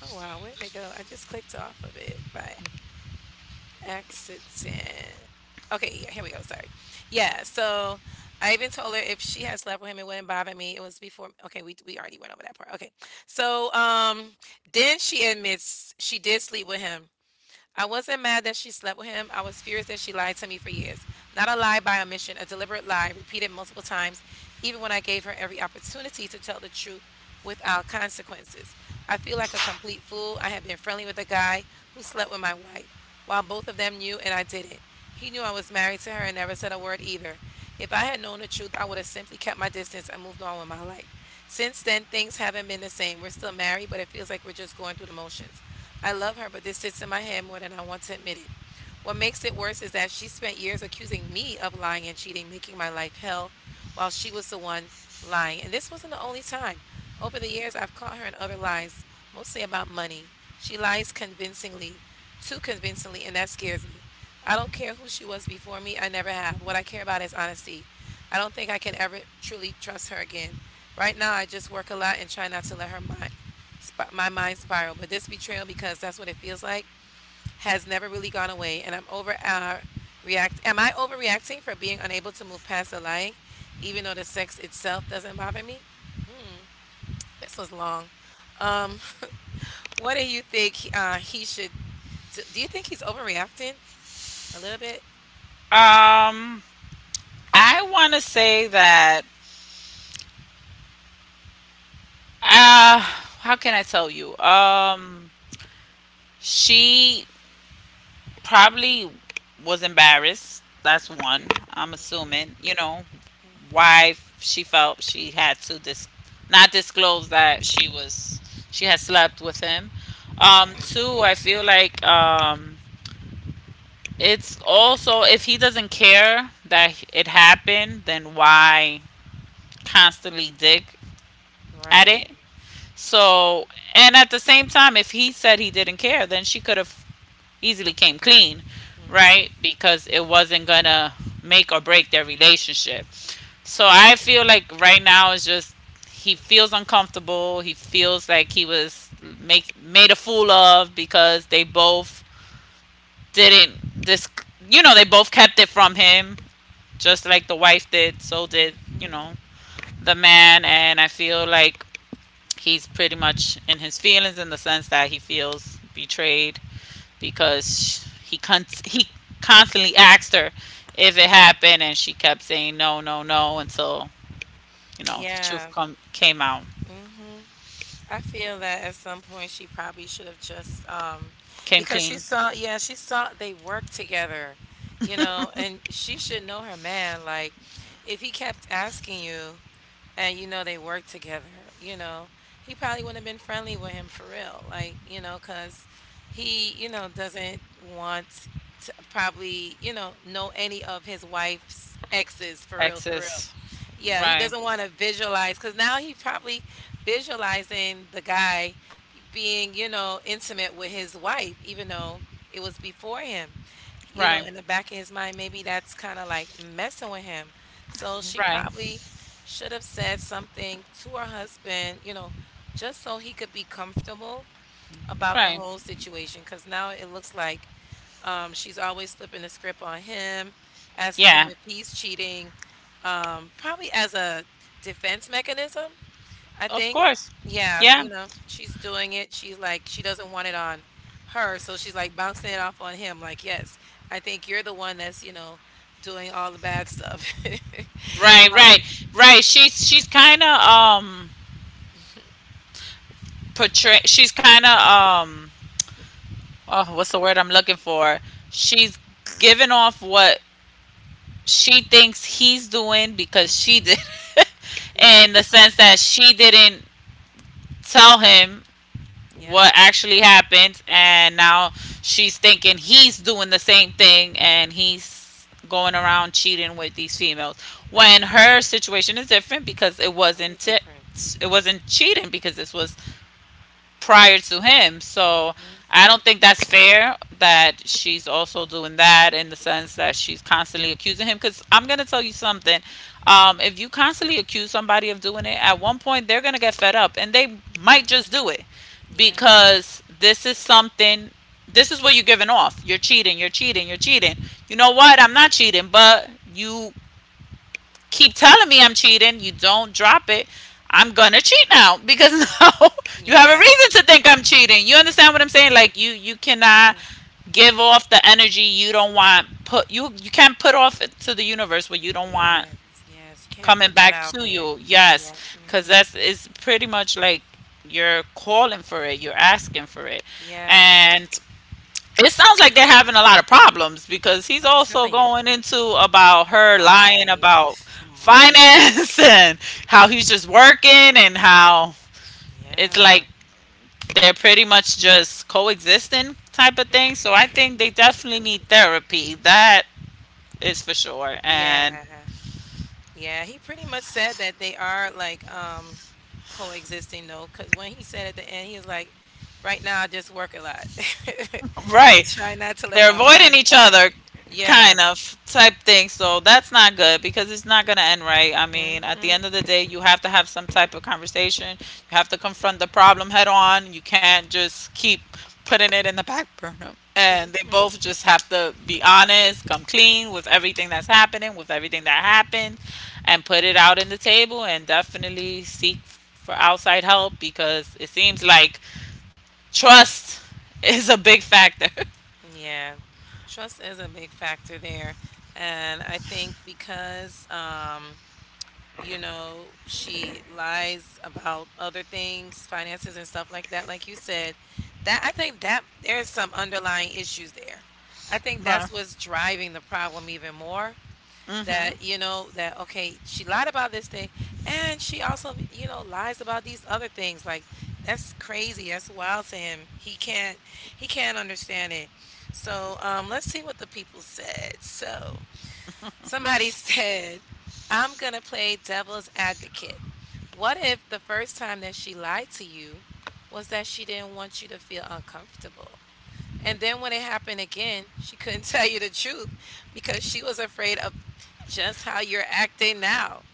[SPEAKER 1] oh wow, where did it go? I just clicked off of it. Bye. Accident. Okay, yeah, here we go. Sorry. Yeah, so I even told her if she had slept with him, it wouldn't bother me. It was before. Okay, we already went over that part. Okay, so then she admits she did sleep with him. I wasn't mad that she slept with him. I was furious that she lied to me for years. Not a lie by omission, a deliberate lie repeated multiple times, even when I gave her every opportunity to tell the truth without consequences. I feel like a complete fool. I had been friendly with a guy who slept with my wife while both of them knew and I didn't. He knew I was married to her and never said a word either. If I had known the truth, I would have simply kept my distance and moved on with my life. Since then, things haven't been the same. We're still married, but it feels like we're just going through the motions. I love her, but this sits in my head more than I want to admit it. What makes it worse is that she spent years accusing me of lying and cheating, making my life hell, while she was the one lying, and this wasn't the only time. Over the years, I've caught her in other lies, mostly about money. She lies convincingly, too convincingly, and that scares me. I don't care who she was before me, I never have. What I care about is honesty. I don't think I can ever truly trust her again. Right now, I just work a lot and try not to let my mind spiral, but this betrayal, because that's what it feels like, has never really gone away, and I'm over react. Am I overreacting for being unable to move past the lying, even though the sex itself doesn't bother me? This was long. Um, what do you think he should do? Do you think he's overreacting a little bit?
[SPEAKER 2] Um. I want to say that. How can I tell you? She probably was embarrassed. That's one. I'm
[SPEAKER 1] Mm-hmm.
[SPEAKER 2] assuming. You know
[SPEAKER 1] Mm-hmm.
[SPEAKER 2] why she felt she had to not disclose that she had slept with him.
[SPEAKER 1] Yeah.
[SPEAKER 2] Two, I feel like it's also if he doesn't care that it happened, then why constantly dig at
[SPEAKER 1] Right.
[SPEAKER 2] it? So, and at the same time, if he said he didn't care, then she could have easily came clean,
[SPEAKER 1] Mm-hmm.
[SPEAKER 2] right? Because it wasn't gonna make or break their relationship. So I feel like right now it's just he feels uncomfortable. He feels like he was make made a fool of because they both didn't this. You know, they both kept it from him just like the wife did, so did, you
[SPEAKER 1] Mm-hmm.
[SPEAKER 2] know, the man. And I feel like he's pretty much in his feelings in the sense that he feels betrayed because he constantly asked her if it happened, and she kept saying no, no, no until you know the truth
[SPEAKER 1] Yeah.
[SPEAKER 2] come came out,
[SPEAKER 1] Mm-hmm. I feel that at some point she probably should have just
[SPEAKER 2] came
[SPEAKER 1] because she
[SPEAKER 2] clean.
[SPEAKER 1] saw yeah, she saw they worked together, you know, and she should know her man. Like if he kept asking you, and you know they work together, you know he probably wouldn't have been friendly with him for real, like, you know, because he, you know, doesn't want to probably, you know any of his wife's exes for real for real.
[SPEAKER 2] Exes,
[SPEAKER 1] Yeah, he
[SPEAKER 2] right,
[SPEAKER 1] doesn't want to visualize because now he's probably visualizing the guy being, you know, intimate with his wife even though it was before him, you know,
[SPEAKER 2] right,
[SPEAKER 1] in the back of his mind maybe that's kind of like messing with him. So she
[SPEAKER 2] right,
[SPEAKER 1] probably should have said something to her husband, you know, just so he could be comfortable about the
[SPEAKER 2] right.
[SPEAKER 1] whole situation. Because now it looks like she's always flipping the script on him, asking him
[SPEAKER 2] Yeah,
[SPEAKER 1] if he's cheating, probably as a defense mechanism, I
[SPEAKER 2] of
[SPEAKER 1] think.
[SPEAKER 2] course.
[SPEAKER 1] Yeah,
[SPEAKER 2] Yeah,
[SPEAKER 1] you know, she's doing it. She's like, she doesn't want it on her. So she's like bouncing it off on him. Like, yes, I think you're the one that's, you know, doing all the bad stuff.
[SPEAKER 2] right, right,
[SPEAKER 1] um,
[SPEAKER 2] right. She's kind of portray she's kind of oh, what's the word I'm looking for? She's giving off what she thinks he's doing because she
[SPEAKER 1] mhm.
[SPEAKER 2] did
[SPEAKER 1] Yeah,
[SPEAKER 2] in the sense that she didn't tell him
[SPEAKER 1] yeah.
[SPEAKER 2] what actually happened, and now she's thinking he's doing the same thing and he's going around cheating with these females
[SPEAKER 1] Yeah,
[SPEAKER 2] when her situation is different because it
[SPEAKER 1] totally
[SPEAKER 2] wasn't it
[SPEAKER 1] different.
[SPEAKER 2] wasn't cheating because this was prior to him. So
[SPEAKER 1] Mhm,
[SPEAKER 2] I don't think that's fair that she's also doing that in the sense that she's constantly accusing him. Because I'm going to tell you something. If you constantly accuse somebody of doing it, at one point they're going to get fed up and they
[SPEAKER 1] mhm.
[SPEAKER 2] might just do it
[SPEAKER 1] Yeah,
[SPEAKER 2] because this is something, this is what you're giving off. You're cheating, you're cheating, you're cheating. You know what? I'm not cheating, but you keep telling
[SPEAKER 1] yeah.
[SPEAKER 2] me I'm cheating, you don't drop it, I'm gonna cheat now because now you have a
[SPEAKER 1] Yeah,
[SPEAKER 2] reason to think I'm cheating. You understand what I'm saying?
[SPEAKER 1] mhm.
[SPEAKER 2] Like you cannot
[SPEAKER 1] Yeah.
[SPEAKER 2] give off the energy you don't want. Put you you can't put off it to the universe what you don't want
[SPEAKER 1] Yes, yes, you can't
[SPEAKER 2] coming
[SPEAKER 1] put that
[SPEAKER 2] back
[SPEAKER 1] out
[SPEAKER 2] to
[SPEAKER 1] there.
[SPEAKER 2] you. Yes,
[SPEAKER 1] Yeah,
[SPEAKER 2] because
[SPEAKER 1] mhm.
[SPEAKER 2] that's it's pretty much like you're calling for it, you're asking for it,
[SPEAKER 1] Yeah,
[SPEAKER 2] and it sounds like they're having a lot of problems because he's
[SPEAKER 1] I'm
[SPEAKER 2] also
[SPEAKER 1] telling you.
[SPEAKER 2] going into about her lying
[SPEAKER 1] Lying,
[SPEAKER 2] about
[SPEAKER 1] money.
[SPEAKER 2] finance and how he's just working and how it's
[SPEAKER 1] Yeah.
[SPEAKER 2] like they're pretty much just coexisting type of thing. So I think
[SPEAKER 1] Mhm.
[SPEAKER 2] they definitely need therapy. That is for sure. And
[SPEAKER 1] Yeah. Yeah, he pretty much said that they are, like, coexisting, though. Cause when he said at the end, he was like, "Right now, I just work a lot
[SPEAKER 2] right.
[SPEAKER 1] and try not to let
[SPEAKER 2] They're
[SPEAKER 1] my
[SPEAKER 2] avoiding
[SPEAKER 1] mind
[SPEAKER 2] each
[SPEAKER 1] spiral."
[SPEAKER 2] other,
[SPEAKER 1] Yeah.
[SPEAKER 2] kind of type thing. So that's not good because it's not going to end right. I mean, at the
[SPEAKER 1] mm
[SPEAKER 2] end of the day, you have to have some type of conversation. You have to confront the problem head on. You can't just keep putting it in the back burner. And they
[SPEAKER 1] mhm.
[SPEAKER 2] both just have to be honest, come clean with everything that's happening, with everything that happened, and put it out in the table and definitely seek for outside help because it seems like trust is a big factor.
[SPEAKER 1] Yeah. Trust is a big factor there. And I think because you know, she lies about other things, finances and stuff like that, like you said, that I think that there's some underlying issues there. I think that's what's driving the problem even more.
[SPEAKER 2] Mhm.
[SPEAKER 1] That you know that okay she lied about this thing and she also, you know, lies about these other things, like that's crazy, that's wild to him. He can't understand it. So let's see what the people said. So somebody said, I'm gonna play devil's advocate. What if the first time that she lied to you was that she didn't want you to feel uncomfortable, and then when it happened again, she couldn't tell you the truth because she was afraid of just how you're acting now.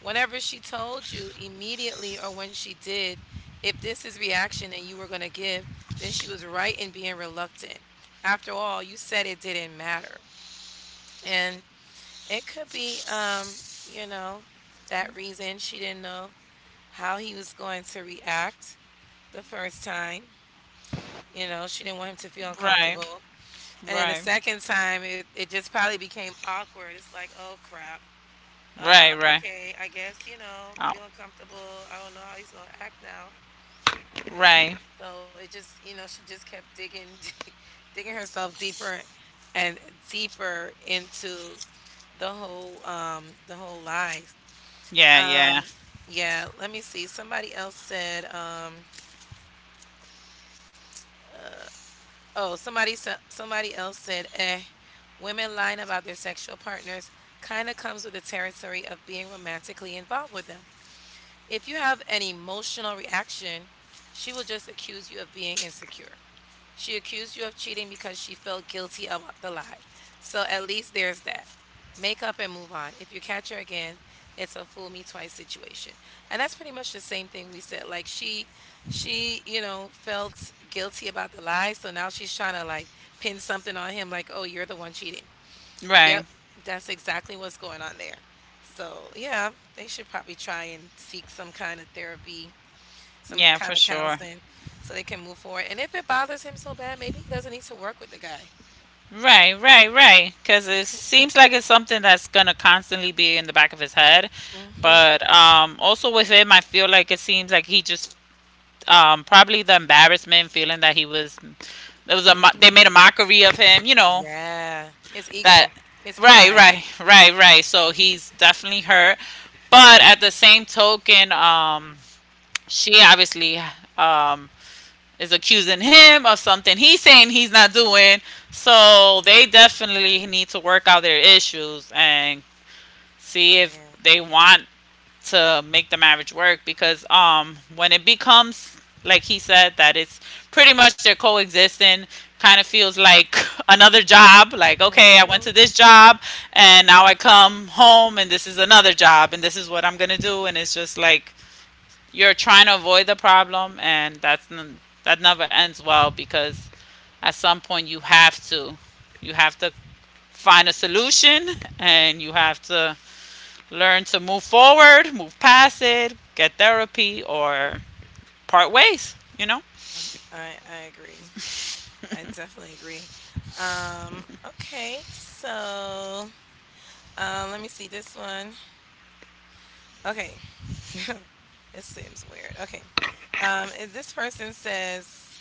[SPEAKER 1] Whenever she told you immediately or when she did, if this is reaction that you were going to give, then she was right in being reluctant. After all, you said it didn't matter. And it could be, you know, that reason she didn't know how he was going to react the first time. She didn't want him to feel
[SPEAKER 2] Right,
[SPEAKER 1] uncomfortable. And then the
[SPEAKER 2] right,
[SPEAKER 1] second time, it just probably became awkward. It's like, oh crap.
[SPEAKER 2] right, right.
[SPEAKER 1] Okay, I guess, you know,
[SPEAKER 2] Oh,
[SPEAKER 1] feeling comfortable. I don't know how he's gonna act now.
[SPEAKER 2] right.
[SPEAKER 1] So it just, she just kept digging, digging herself deeper and deeper into the whole lies.
[SPEAKER 2] Yeah, yeah.
[SPEAKER 1] Um, yeah, let me see. Somebody else said, oh, somebody else said, "Eh, women lying about their sexual partners kind of comes with the territory of being romantically involved with them. If you have an emotional reaction, she will just accuse you of being insecure. She accused you of cheating because she felt guilty about the lie. So at least there's that. Make up and move on. If you catch her again, it's a fool me twice situation. And that's pretty much the same thing we said. Like she felt guilty about the lie, so now she's trying to like pin something on him like, "Oh, you're the one cheating." Yep,
[SPEAKER 2] Right.
[SPEAKER 1] that's exactly what's going on there. So, yeah, they should probably try and seek some kind of therapy, some
[SPEAKER 2] Yeah,
[SPEAKER 1] kind
[SPEAKER 2] for
[SPEAKER 1] of
[SPEAKER 2] sure.
[SPEAKER 1] counseling so they can move forward. And if it bothers him so bad, maybe he doesn't need to work with the guy.
[SPEAKER 2] Right. Because it seems like it's something that's gonna constantly be in the back of his head.
[SPEAKER 1] Mhm,
[SPEAKER 2] But also with him, I feel like it seems like he just probably the embarrassment feeling that he was there was a mo- they
[SPEAKER 1] mhm.
[SPEAKER 2] made a mockery of him. You know
[SPEAKER 1] Yeah, his
[SPEAKER 2] that.
[SPEAKER 1] ego, his pride.
[SPEAKER 2] Right. So he's definitely hurt. But at the same token, she obviously um, is accusing him of something he's saying he's not doing. So they definitely need to work out their issues and see if
[SPEAKER 1] Yeah.
[SPEAKER 2] they want to make the marriage work because when it becomes like he said that it's pretty much they're coexisting kind of feels like another job. Like, okay, I went to
[SPEAKER 1] Mhm.
[SPEAKER 2] this job and now I come home and this is another job and this is what I'm gonna do, and it's just like you're trying to avoid the problem, and that's that never ends well because at some point you have to find a solution, and you have to learn to move forward, move past it, get therapy, or part ways. You know.
[SPEAKER 1] Yeah, I agree. I definitely agree. Okay, so let me see this one. Okay, it seems weird. Okay. And this person says,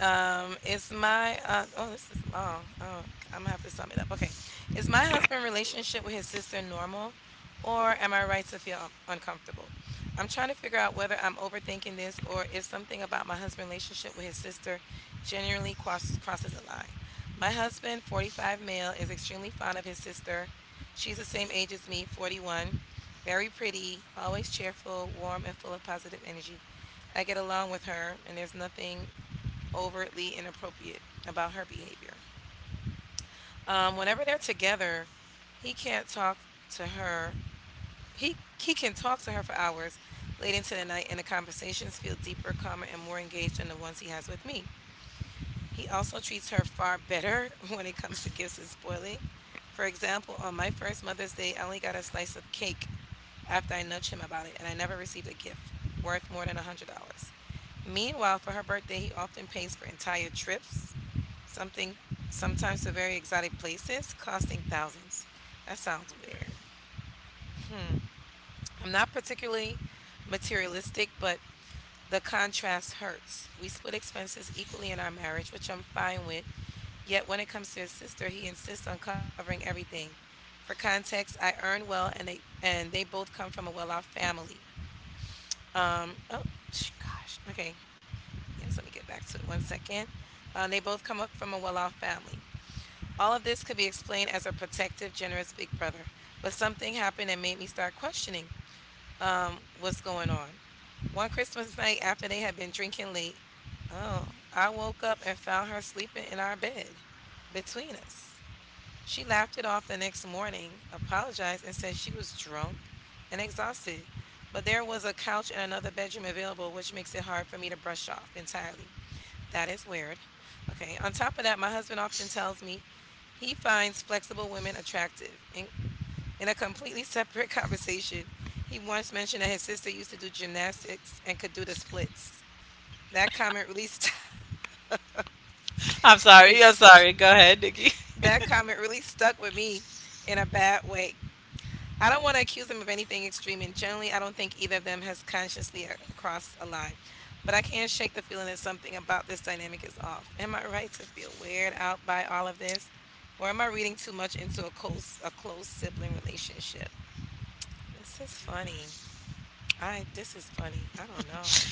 [SPEAKER 1] um, this is long. Oh, I'm gonna have to sum it up. Okay. Is my husband' relationship with his sister normal, or am I right to feel uncomfortable? I'm trying to figure out whether I'm overthinking this or if something about my husband's relationship with his sister generally crosses a line. My husband, 45 male, is extremely fond of his sister. She's the same age as me, 41, very pretty, always cheerful, warm, and full of positive energy. I get along with her, and there's nothing overtly inappropriate about her behavior. Whenever they're together, he can't talk to her. He can talk to her for hours late into the night, and the conversations feel deeper, calmer, and more engaged than the ones he has with me. He also treats her far better when it comes to gifts and spoiling. For example, on my first Mother's Day, I only got a slice of cake after I nudged him about it, and I never received a gift worth more than $100. Meanwhile, for her birthday, he often pays for entire trips Something sometimes to very exotic places costing thousands. That sounds weird. I'm not particularly materialistic, but the contrast hurts. We split expenses equally in our marriage, which I'm fine with. Yet when it comes to his sister, he insists on covering everything. For context, I earn well and they both come from a well-off family. Um oh Gosh. Okay. Yes, let me get back to it one second. They both come up from a well-off family. All of this could be explained as a protective, generous big brother, but something happened that made me start questioning what's going on. One Christmas night after they had been drinking late, oh, I woke up and found her sleeping in our bed between us. She laughed it off the next morning, apologized, and said she was drunk and exhausted, but there was a couch in another bedroom available, which makes it hard for me to brush off entirely. That is weird. Okay. On top of that, my husband often tells me he finds flexible women attractive. In a completely separate conversation, he once mentioned that his sister used to do gymnastics and could do the splits. That comment really st-
[SPEAKER 2] I'm sorry. I'm sorry. Go ahead, Nikki.
[SPEAKER 1] That comment really stuck with me in a bad way. I don't wanna accuse them of anything extreme, and generally, I don't think either of them has consciously, crossed a line, but I can't shake the feeling that something about this dynamic is off. Am I right to feel weirded out by all of this, or am I reading too much into a close sibling relationship? This is funny. I This is funny. I don't know.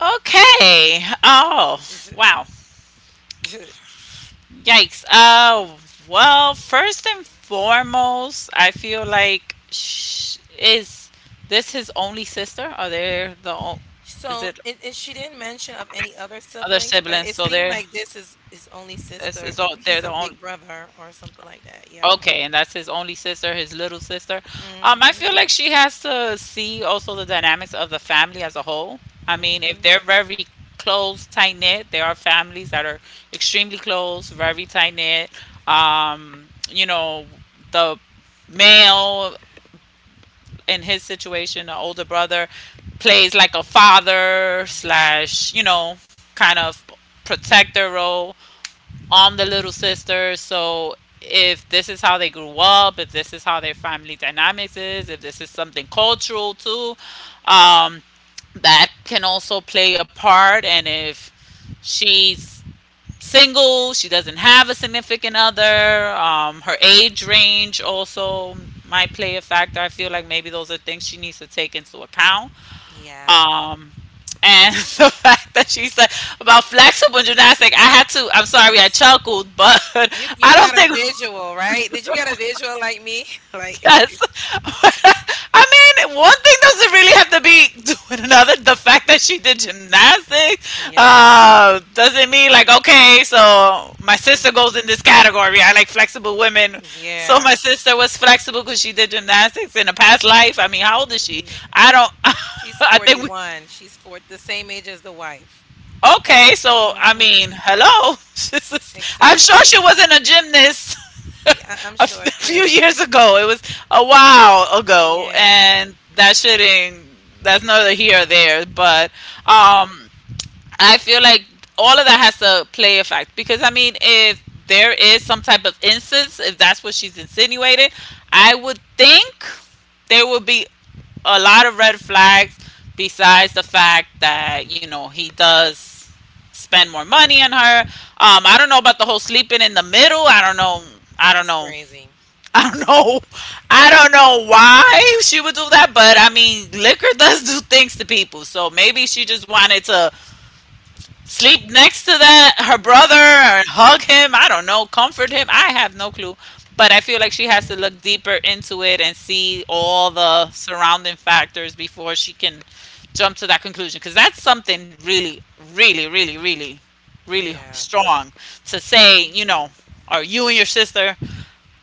[SPEAKER 2] Okay. Oh, wow. Yikes. Well, first and foremost, I feel like sh- is this his only sister? Are they the o- is
[SPEAKER 1] So,
[SPEAKER 2] it
[SPEAKER 1] and she didn't mention of any other
[SPEAKER 2] other
[SPEAKER 1] siblings, but
[SPEAKER 2] siblings?
[SPEAKER 1] it
[SPEAKER 2] So
[SPEAKER 1] seemed
[SPEAKER 2] they're
[SPEAKER 1] like this is his only sister.
[SPEAKER 2] is all they're
[SPEAKER 1] He's a
[SPEAKER 2] the only.
[SPEAKER 1] big brother or something like that, yeah.
[SPEAKER 2] Okay, and that's his only sister, his little sister. I
[SPEAKER 1] Mhm,
[SPEAKER 2] feel like she has to see also the dynamics of the family as a whole. I
[SPEAKER 1] mm
[SPEAKER 2] mean, if
[SPEAKER 1] mhm.
[SPEAKER 2] they're very close, tight knit, there are families that are extremely close, very tight knit. You know, the male in his situation, the older brother, plays like a father
[SPEAKER 1] Mhm.
[SPEAKER 2] slash, you know, kind of protector role. I'm the little sister, so if this is how they grew up, if this is how their family dynamics is, if this is something cultural too, um, that can also play a part. And if she's single, she doesn't have a significant other, her age range also might play a factor. I feel like maybe those are things she needs to take into account.
[SPEAKER 1] Yeah.
[SPEAKER 2] Um, and the fact that she said about flexible gymnastics, I had to. I'm sorry, I chuckled, but
[SPEAKER 1] You you
[SPEAKER 2] I don't
[SPEAKER 1] got a
[SPEAKER 2] think
[SPEAKER 1] visual, right? Did you get a visual like me? Like
[SPEAKER 2] yes. I mean, one thing doesn't really have to be doing another. The fact that she did gymnastics
[SPEAKER 1] yeah.
[SPEAKER 2] doesn't mean like okay, so my
[SPEAKER 1] Mhm.
[SPEAKER 2] sister goes in this category. I like flexible women. So
[SPEAKER 1] Yeah.
[SPEAKER 2] my sister was flexible because she did gymnastics in a past life. I mean, how old is she?
[SPEAKER 1] Yeah.
[SPEAKER 2] I don't.
[SPEAKER 1] She's
[SPEAKER 2] I think we.
[SPEAKER 1] 41. She's four The same age as the wife.
[SPEAKER 2] Okay, so I
[SPEAKER 1] Mhm.
[SPEAKER 2] mean, hello. This is- I'm sure
[SPEAKER 1] Exactly.
[SPEAKER 2] she wasn't a gymnast a
[SPEAKER 1] Yeah, I'm
[SPEAKER 2] f-
[SPEAKER 1] sure
[SPEAKER 2] few
[SPEAKER 1] too.
[SPEAKER 2] years ago. It was a while ago,
[SPEAKER 1] Yeah.
[SPEAKER 2] and that shouldn't. That's neither here or there. But um, I feel like all of that has to play a fact because I mean, if there is some type of instance, if that's what she's insinuating, I would think there would be a lot of red flags besides the fact that you know he does spend more money on her. I don't know about the whole sleeping in the middle. i don't know i don't
[SPEAKER 1] That's
[SPEAKER 2] know
[SPEAKER 1] crazy.
[SPEAKER 2] I don't know. I don't know why she would do that, but I mean liquor does do things to people, so maybe she just wanted to sleep next to that her
[SPEAKER 1] I
[SPEAKER 2] brother or
[SPEAKER 1] don't
[SPEAKER 2] hug
[SPEAKER 1] know.
[SPEAKER 2] him. I don't know, comfort him. I have no clue. But I feel like
[SPEAKER 1] That's
[SPEAKER 2] she has to
[SPEAKER 1] weird.
[SPEAKER 2] look deeper into it and see all the surrounding factors before she can jump to that conclusion, because that's something really, really, really, really really
[SPEAKER 1] Yeah.
[SPEAKER 2] strong to say,
[SPEAKER 1] Mhm.
[SPEAKER 2] you know. Are you and your sister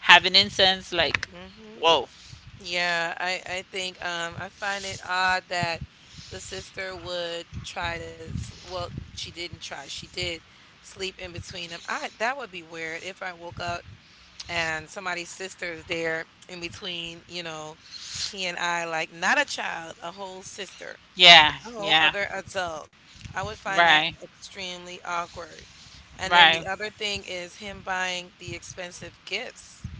[SPEAKER 2] having incense? Like,
[SPEAKER 1] Mhm.
[SPEAKER 2] whoa.
[SPEAKER 1] Yeah, I think I find it odd that the sister would try to sleep. Well, she didn't try. She did sleep in between them. I That would be weird if I woke up and somebody's sister is there in between, you know, he and I, like not a child, a whole sister,
[SPEAKER 2] Yeah,
[SPEAKER 1] a whole
[SPEAKER 2] yeah.
[SPEAKER 1] other adult. I would find that
[SPEAKER 2] Right,
[SPEAKER 1] extremely awkward. And then
[SPEAKER 2] right,
[SPEAKER 1] the other thing is him buying the expensive gifts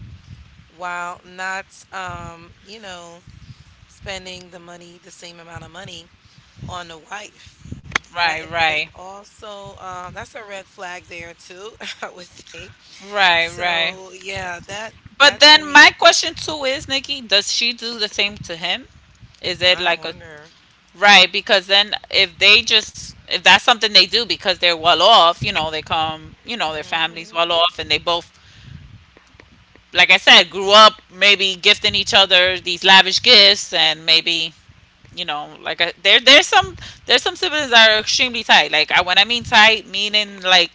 [SPEAKER 1] while not spending the same amount of money on the wife. That
[SPEAKER 2] right,
[SPEAKER 1] is
[SPEAKER 2] right,
[SPEAKER 1] also, that's a red flag there too, I would think.
[SPEAKER 2] right,
[SPEAKER 1] So
[SPEAKER 2] right.
[SPEAKER 1] yeah, that
[SPEAKER 2] But
[SPEAKER 1] to
[SPEAKER 2] then
[SPEAKER 1] me,
[SPEAKER 2] my question too is, Nikki, does she do the same to him? Is it
[SPEAKER 1] I
[SPEAKER 2] like a
[SPEAKER 1] wonder.
[SPEAKER 2] right? Because then if they just if that's something they do because they're well off, you know, they come, you know, their families
[SPEAKER 1] Hmm.
[SPEAKER 2] well off, and they both, like I said, grew up maybe gifting each other these lavish gifts, and maybe you know, like I, there's some there's some siblings that are extremely tight. Like I, when I mean tight, meaning like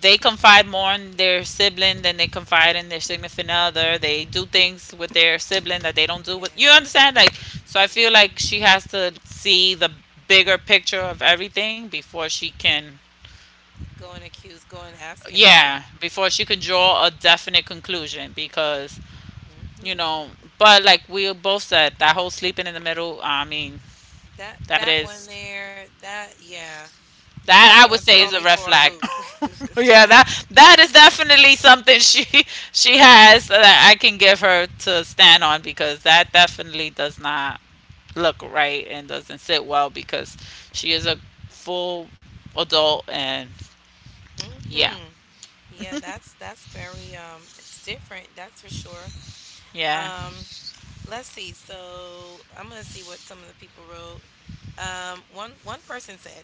[SPEAKER 2] they confide more in their sibling than they confide in their significant other. They do things with their sibling that they don't do with you
[SPEAKER 1] Yeah.
[SPEAKER 2] understand. Like so, I feel
[SPEAKER 1] Hmm.
[SPEAKER 2] like she has to see the bigger picture of everything before she can.
[SPEAKER 1] Go and accuse, go and ask him of that.
[SPEAKER 2] Yeah, before she can draw a definite conclusion, because
[SPEAKER 1] Hmm.
[SPEAKER 2] you know. But like we both said, that whole sleeping in the middle, I mean, that
[SPEAKER 1] That one
[SPEAKER 2] is.
[SPEAKER 1] there, that yeah, that
[SPEAKER 2] That I
[SPEAKER 1] one
[SPEAKER 2] would say
[SPEAKER 1] throw
[SPEAKER 2] is a
[SPEAKER 1] me for
[SPEAKER 2] red
[SPEAKER 1] a
[SPEAKER 2] flag.
[SPEAKER 1] loop.
[SPEAKER 2] Yeah, that that is definitely something she has that I can give her to stand on, because that definitely does not look right and doesn't sit well, because she is a full adult and yeah.
[SPEAKER 1] Hmm. Yeah, that's very it's different, that's for sure.
[SPEAKER 2] Yeah.
[SPEAKER 1] Um, Let's see. So I'm gonna see what some of the people wrote. One person said,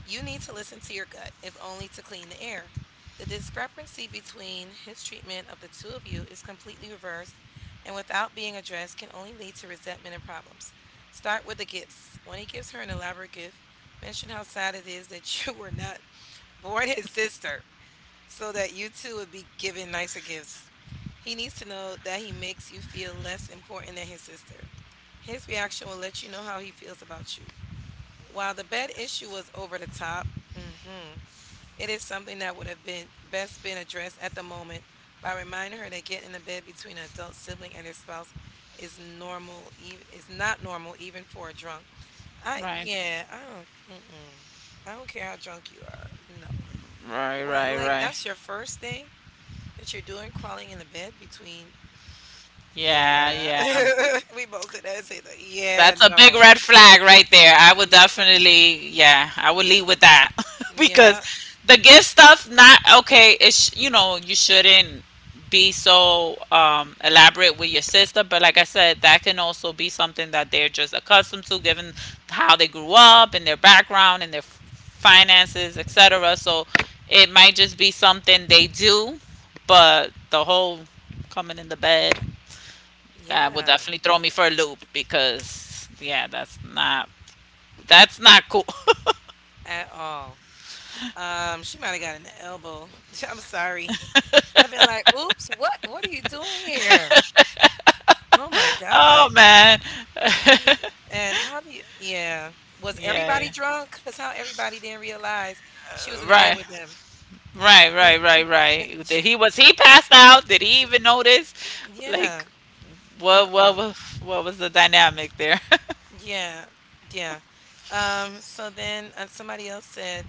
[SPEAKER 1] "You need to listen to your gut, if only to clean the air." The discrepancy between his treatment of the two of you is completely reversed, and without being addressed, can only lead to resentment and problems. Start with the gifts. When he gives her an elaborate gift, mention how sad it is that you were not born his sister, so that you two would be given nicer gifts. He needs to know that he makes you feel less important than his sister. His reaction will let you know how he feels about you. While the bed issue was over the top, mhm, it is something that would have been best been addressed at the moment by reminding her that getting in the bed between an adult sibling and their spouse is normal. Even is not normal even for a drunk. I
[SPEAKER 2] Right.
[SPEAKER 1] Yeah, I don't. Mm-mm. I don't care how drunk you are. No.
[SPEAKER 2] Right,
[SPEAKER 1] What,
[SPEAKER 2] right,
[SPEAKER 1] like
[SPEAKER 2] right.
[SPEAKER 1] that's your first thing that you're doing, crawling in the bed between,
[SPEAKER 2] Yeah,
[SPEAKER 1] yeah.
[SPEAKER 2] yeah.
[SPEAKER 1] We both said that same. That. Yeah,
[SPEAKER 2] That's a big
[SPEAKER 1] no.
[SPEAKER 2] red flag right there. I would
[SPEAKER 1] Yeah.
[SPEAKER 2] definitely, yeah, I would lead with that because
[SPEAKER 1] Yeah.
[SPEAKER 2] the gift stuff, not okay. It's you know you shouldn't be so elaborate with your sister, but like I said, that can also be something that they're just accustomed to, given how they grew up and their background and their finances, etc. So it might just be something they do, but the whole coming in the bed, that would
[SPEAKER 1] Yeah.
[SPEAKER 2] definitely throw me for a loop, because yeah, that's not. That's not cool.
[SPEAKER 1] At all. She might have got an elbow. I'm sorry. I've been like, "Oops, what are you doing here?" Oh my
[SPEAKER 2] Oh
[SPEAKER 1] god.
[SPEAKER 2] man.
[SPEAKER 1] She and How do you? Yeah. Was everybody
[SPEAKER 2] Yeah.
[SPEAKER 1] drunk? Because how everybody didn't realize she was in the bed
[SPEAKER 2] Right.
[SPEAKER 1] with them.
[SPEAKER 2] Right,
[SPEAKER 1] But
[SPEAKER 2] right, right, right. Did
[SPEAKER 1] it's
[SPEAKER 2] he was he passed out? Did he even notice? Like,
[SPEAKER 1] yeah.
[SPEAKER 2] what what
[SPEAKER 1] Uh-uh.
[SPEAKER 2] was what was the dynamic there?
[SPEAKER 1] Yeah. Yeah. So then, somebody else said,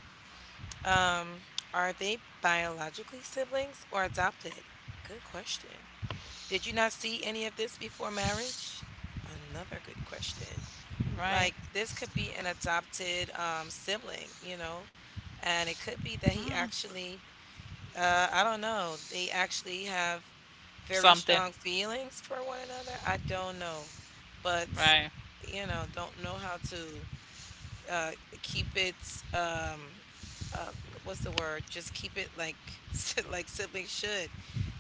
[SPEAKER 1] Um, are they biologically siblings or adopted? Good question. Did you not see any of this before marriage? Another good question.
[SPEAKER 2] Right.
[SPEAKER 1] Like this could be an adopted sibling, you know, and it could be that he actually I don't know, they actually have very
[SPEAKER 2] Something.
[SPEAKER 1] strong feelings for one another. I don't know. But
[SPEAKER 2] Right.
[SPEAKER 1] you know, don't know how to uh keep it uh what's the word, just keep it like like siblings should,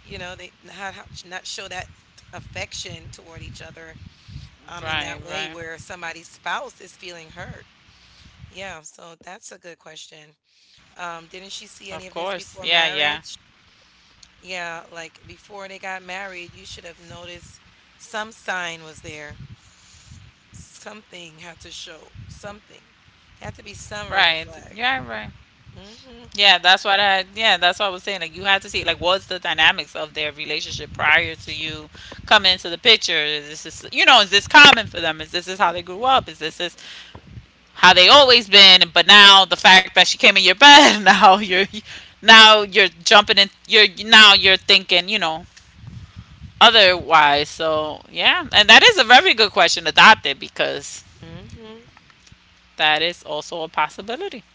[SPEAKER 1] you know, they not how- not show that affection toward each other in that
[SPEAKER 2] Right,
[SPEAKER 1] way
[SPEAKER 2] right.
[SPEAKER 1] where somebody's spouse is feeling hurt, yeah. So that's a good
[SPEAKER 2] Of
[SPEAKER 1] question.
[SPEAKER 2] course. Yeah, yeah.
[SPEAKER 1] Didn't she see any of this before marriage? Yeah, like before they got married you should have noticed some sign was there, something had to show something. There had to be some red
[SPEAKER 2] Right.
[SPEAKER 1] flag.
[SPEAKER 2] Yeah, right.
[SPEAKER 1] Hmm.
[SPEAKER 2] Yeah, that's what I yeah, that's what I was saying. Like you have to see like what's the dynamics of their relationship prior to you coming into the picture. Is this is you know, is this common for them? Is this is how they grew up? Is this is how they always been? But now the fact that she came in your bed, now you're jumping in you're now you're thinking, you know, otherwise. So yeah. And that is a very good question, adopted, because
[SPEAKER 1] Mm-hmm.
[SPEAKER 2] that is also a possibility.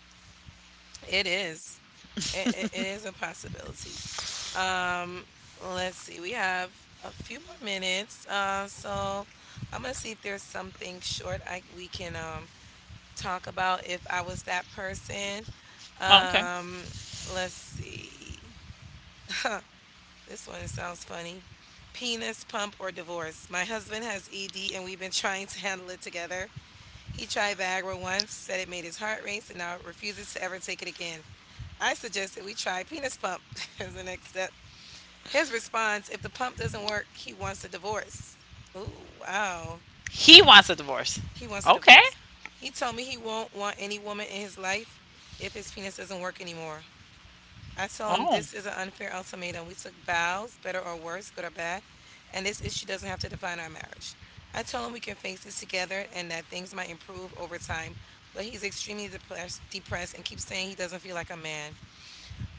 [SPEAKER 1] It is. It is a possibility. Um, let's see. We have a few more minutes. So I'm gonna see if there's something short I we can talk about if I was that person.
[SPEAKER 2] Oh, okay.
[SPEAKER 1] Um, let's see. This one sounds funny. Penis pump or divorce. My husband has ED and we've been trying to handle it together. He tried Viagra once, said it made his heart race, and now refuses to ever take it again. I suggested we try penis pump as the next step. His response: if the pump doesn't work, he wants a divorce. Ooh, wow.
[SPEAKER 2] He wants a divorce.
[SPEAKER 1] He wants a
[SPEAKER 2] Okay.
[SPEAKER 1] divorce. He told me he won't want any woman in his life if his penis doesn't work anymore. I told him
[SPEAKER 2] Oh.
[SPEAKER 1] this is an unfair ultimatum. We took vows, better or worse, good or bad, and this issue doesn't have to define our marriage. I told him we can face this together and that things might improve over time, but he's extremely depressed and keeps saying he doesn't feel like a man.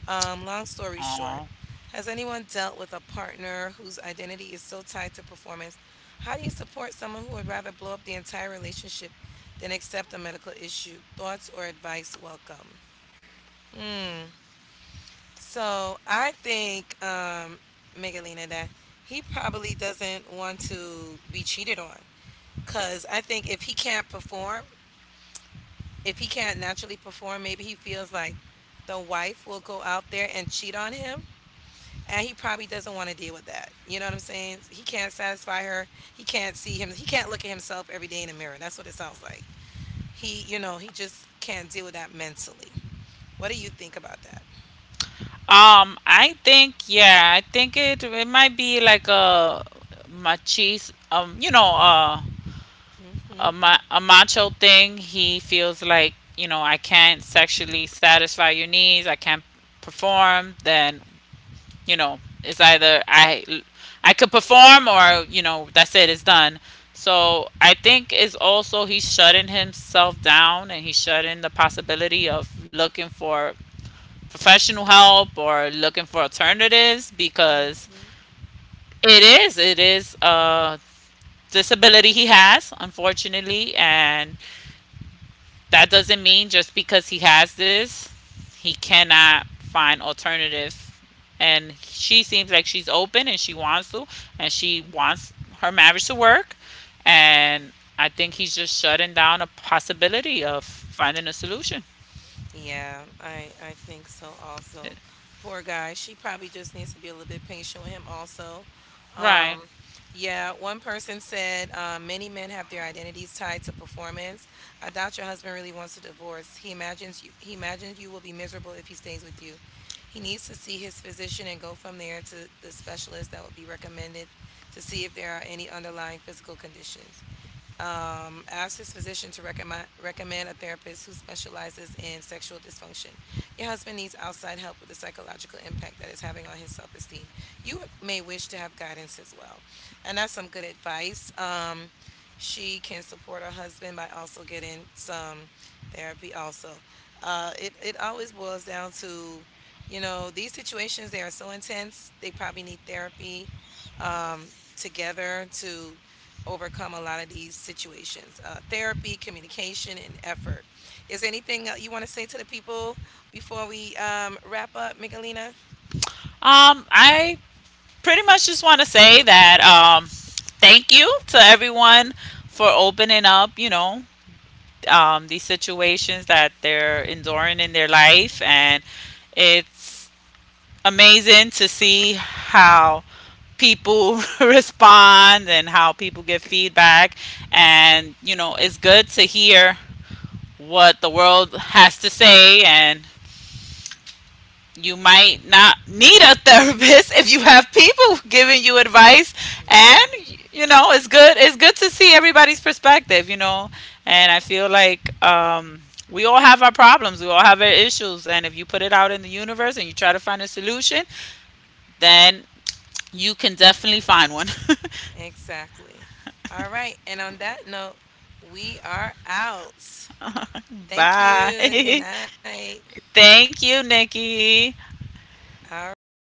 [SPEAKER 1] Long story
[SPEAKER 2] Oh.
[SPEAKER 1] short, has anyone dealt with a partner whose identity is so tied to performance? How do you support someone who would rather blow up the entire relationship than accept a medical issue? Thoughts or advice welcome. Hmm. So I think, Megalina, that he probably doesn't want to be cheated on. Because I think if he can't perform, if he can't naturally perform, maybe he feels like the wife will go out there and cheat on him and he probably doesn't want to deal with that. You know what I'm saying? He can't satisfy her. He can't see him. He can't look at himself every day in the mirror. That's what it sounds like. He, you know, he just can't deal with that mentally. What do you think about that?
[SPEAKER 2] I think yeah, I think it it might be like a machis you know, a
[SPEAKER 1] Mhm.
[SPEAKER 2] ma- a macho thing. He feels like you know I can't sexually satisfy your needs. I can't perform. Then you know it's either I could perform or you know that's it. It's done. So I think it's also he's shutting himself down and he's shutting the possibility of looking for professional help or looking for alternatives, because it is a disability he has, unfortunately, and that doesn't mean just because he has this he cannot find alternative. And she seems like she's open and she wants to and she wants her marriage to work, and I think he's just shutting down a possibility of finding a solution.
[SPEAKER 1] Yeah, I think so also. Poor guy. She probably just needs to be a little bit patient with him also.
[SPEAKER 2] Right.
[SPEAKER 1] Um, yeah, one person said many men have their identities tied to performance. I doubt your husband really wants a divorce. He imagines you will be miserable if he stays with you. He needs to see his physician and go from there to the specialist that would be recommended to see if there are any underlying physical conditions, ask his physician to recommend a therapist who specializes in sexual dysfunction. Your husband needs outside help with the psychological impact that is having on his self esteem. You may wish to have guidance as well, and that's some good advice. She can support her husband by also getting some therapy. Also, it always boils down to, you know, these situations, they are so intense. They probably need therapy together to overcome a lot of these situations. Uh, therapy, communication, and effort. Is there anything that you want to say to the people before we wrap up, Michelina?
[SPEAKER 2] I pretty much just want to say that thank you to everyone for opening up, you know, these situations that they're enduring in their life. And it's amazing to see how people respond and how people give feedback. And, you know, it's good to hear what the world has to say, and you might not need a therapist if you have people giving you advice. And
[SPEAKER 1] Yeah,
[SPEAKER 2] you know, it's good, it's good to see everybody's perspective, you know. And I feel like we all have our problems, we all have our issues, and if you put it out in the universe and you try to find a solution, then you can definitely find one.
[SPEAKER 1] exactly. All right, and on that note, we are out. Thank you, good
[SPEAKER 2] Bye.
[SPEAKER 1] night.
[SPEAKER 2] Thank you, Nikki.
[SPEAKER 1] All right.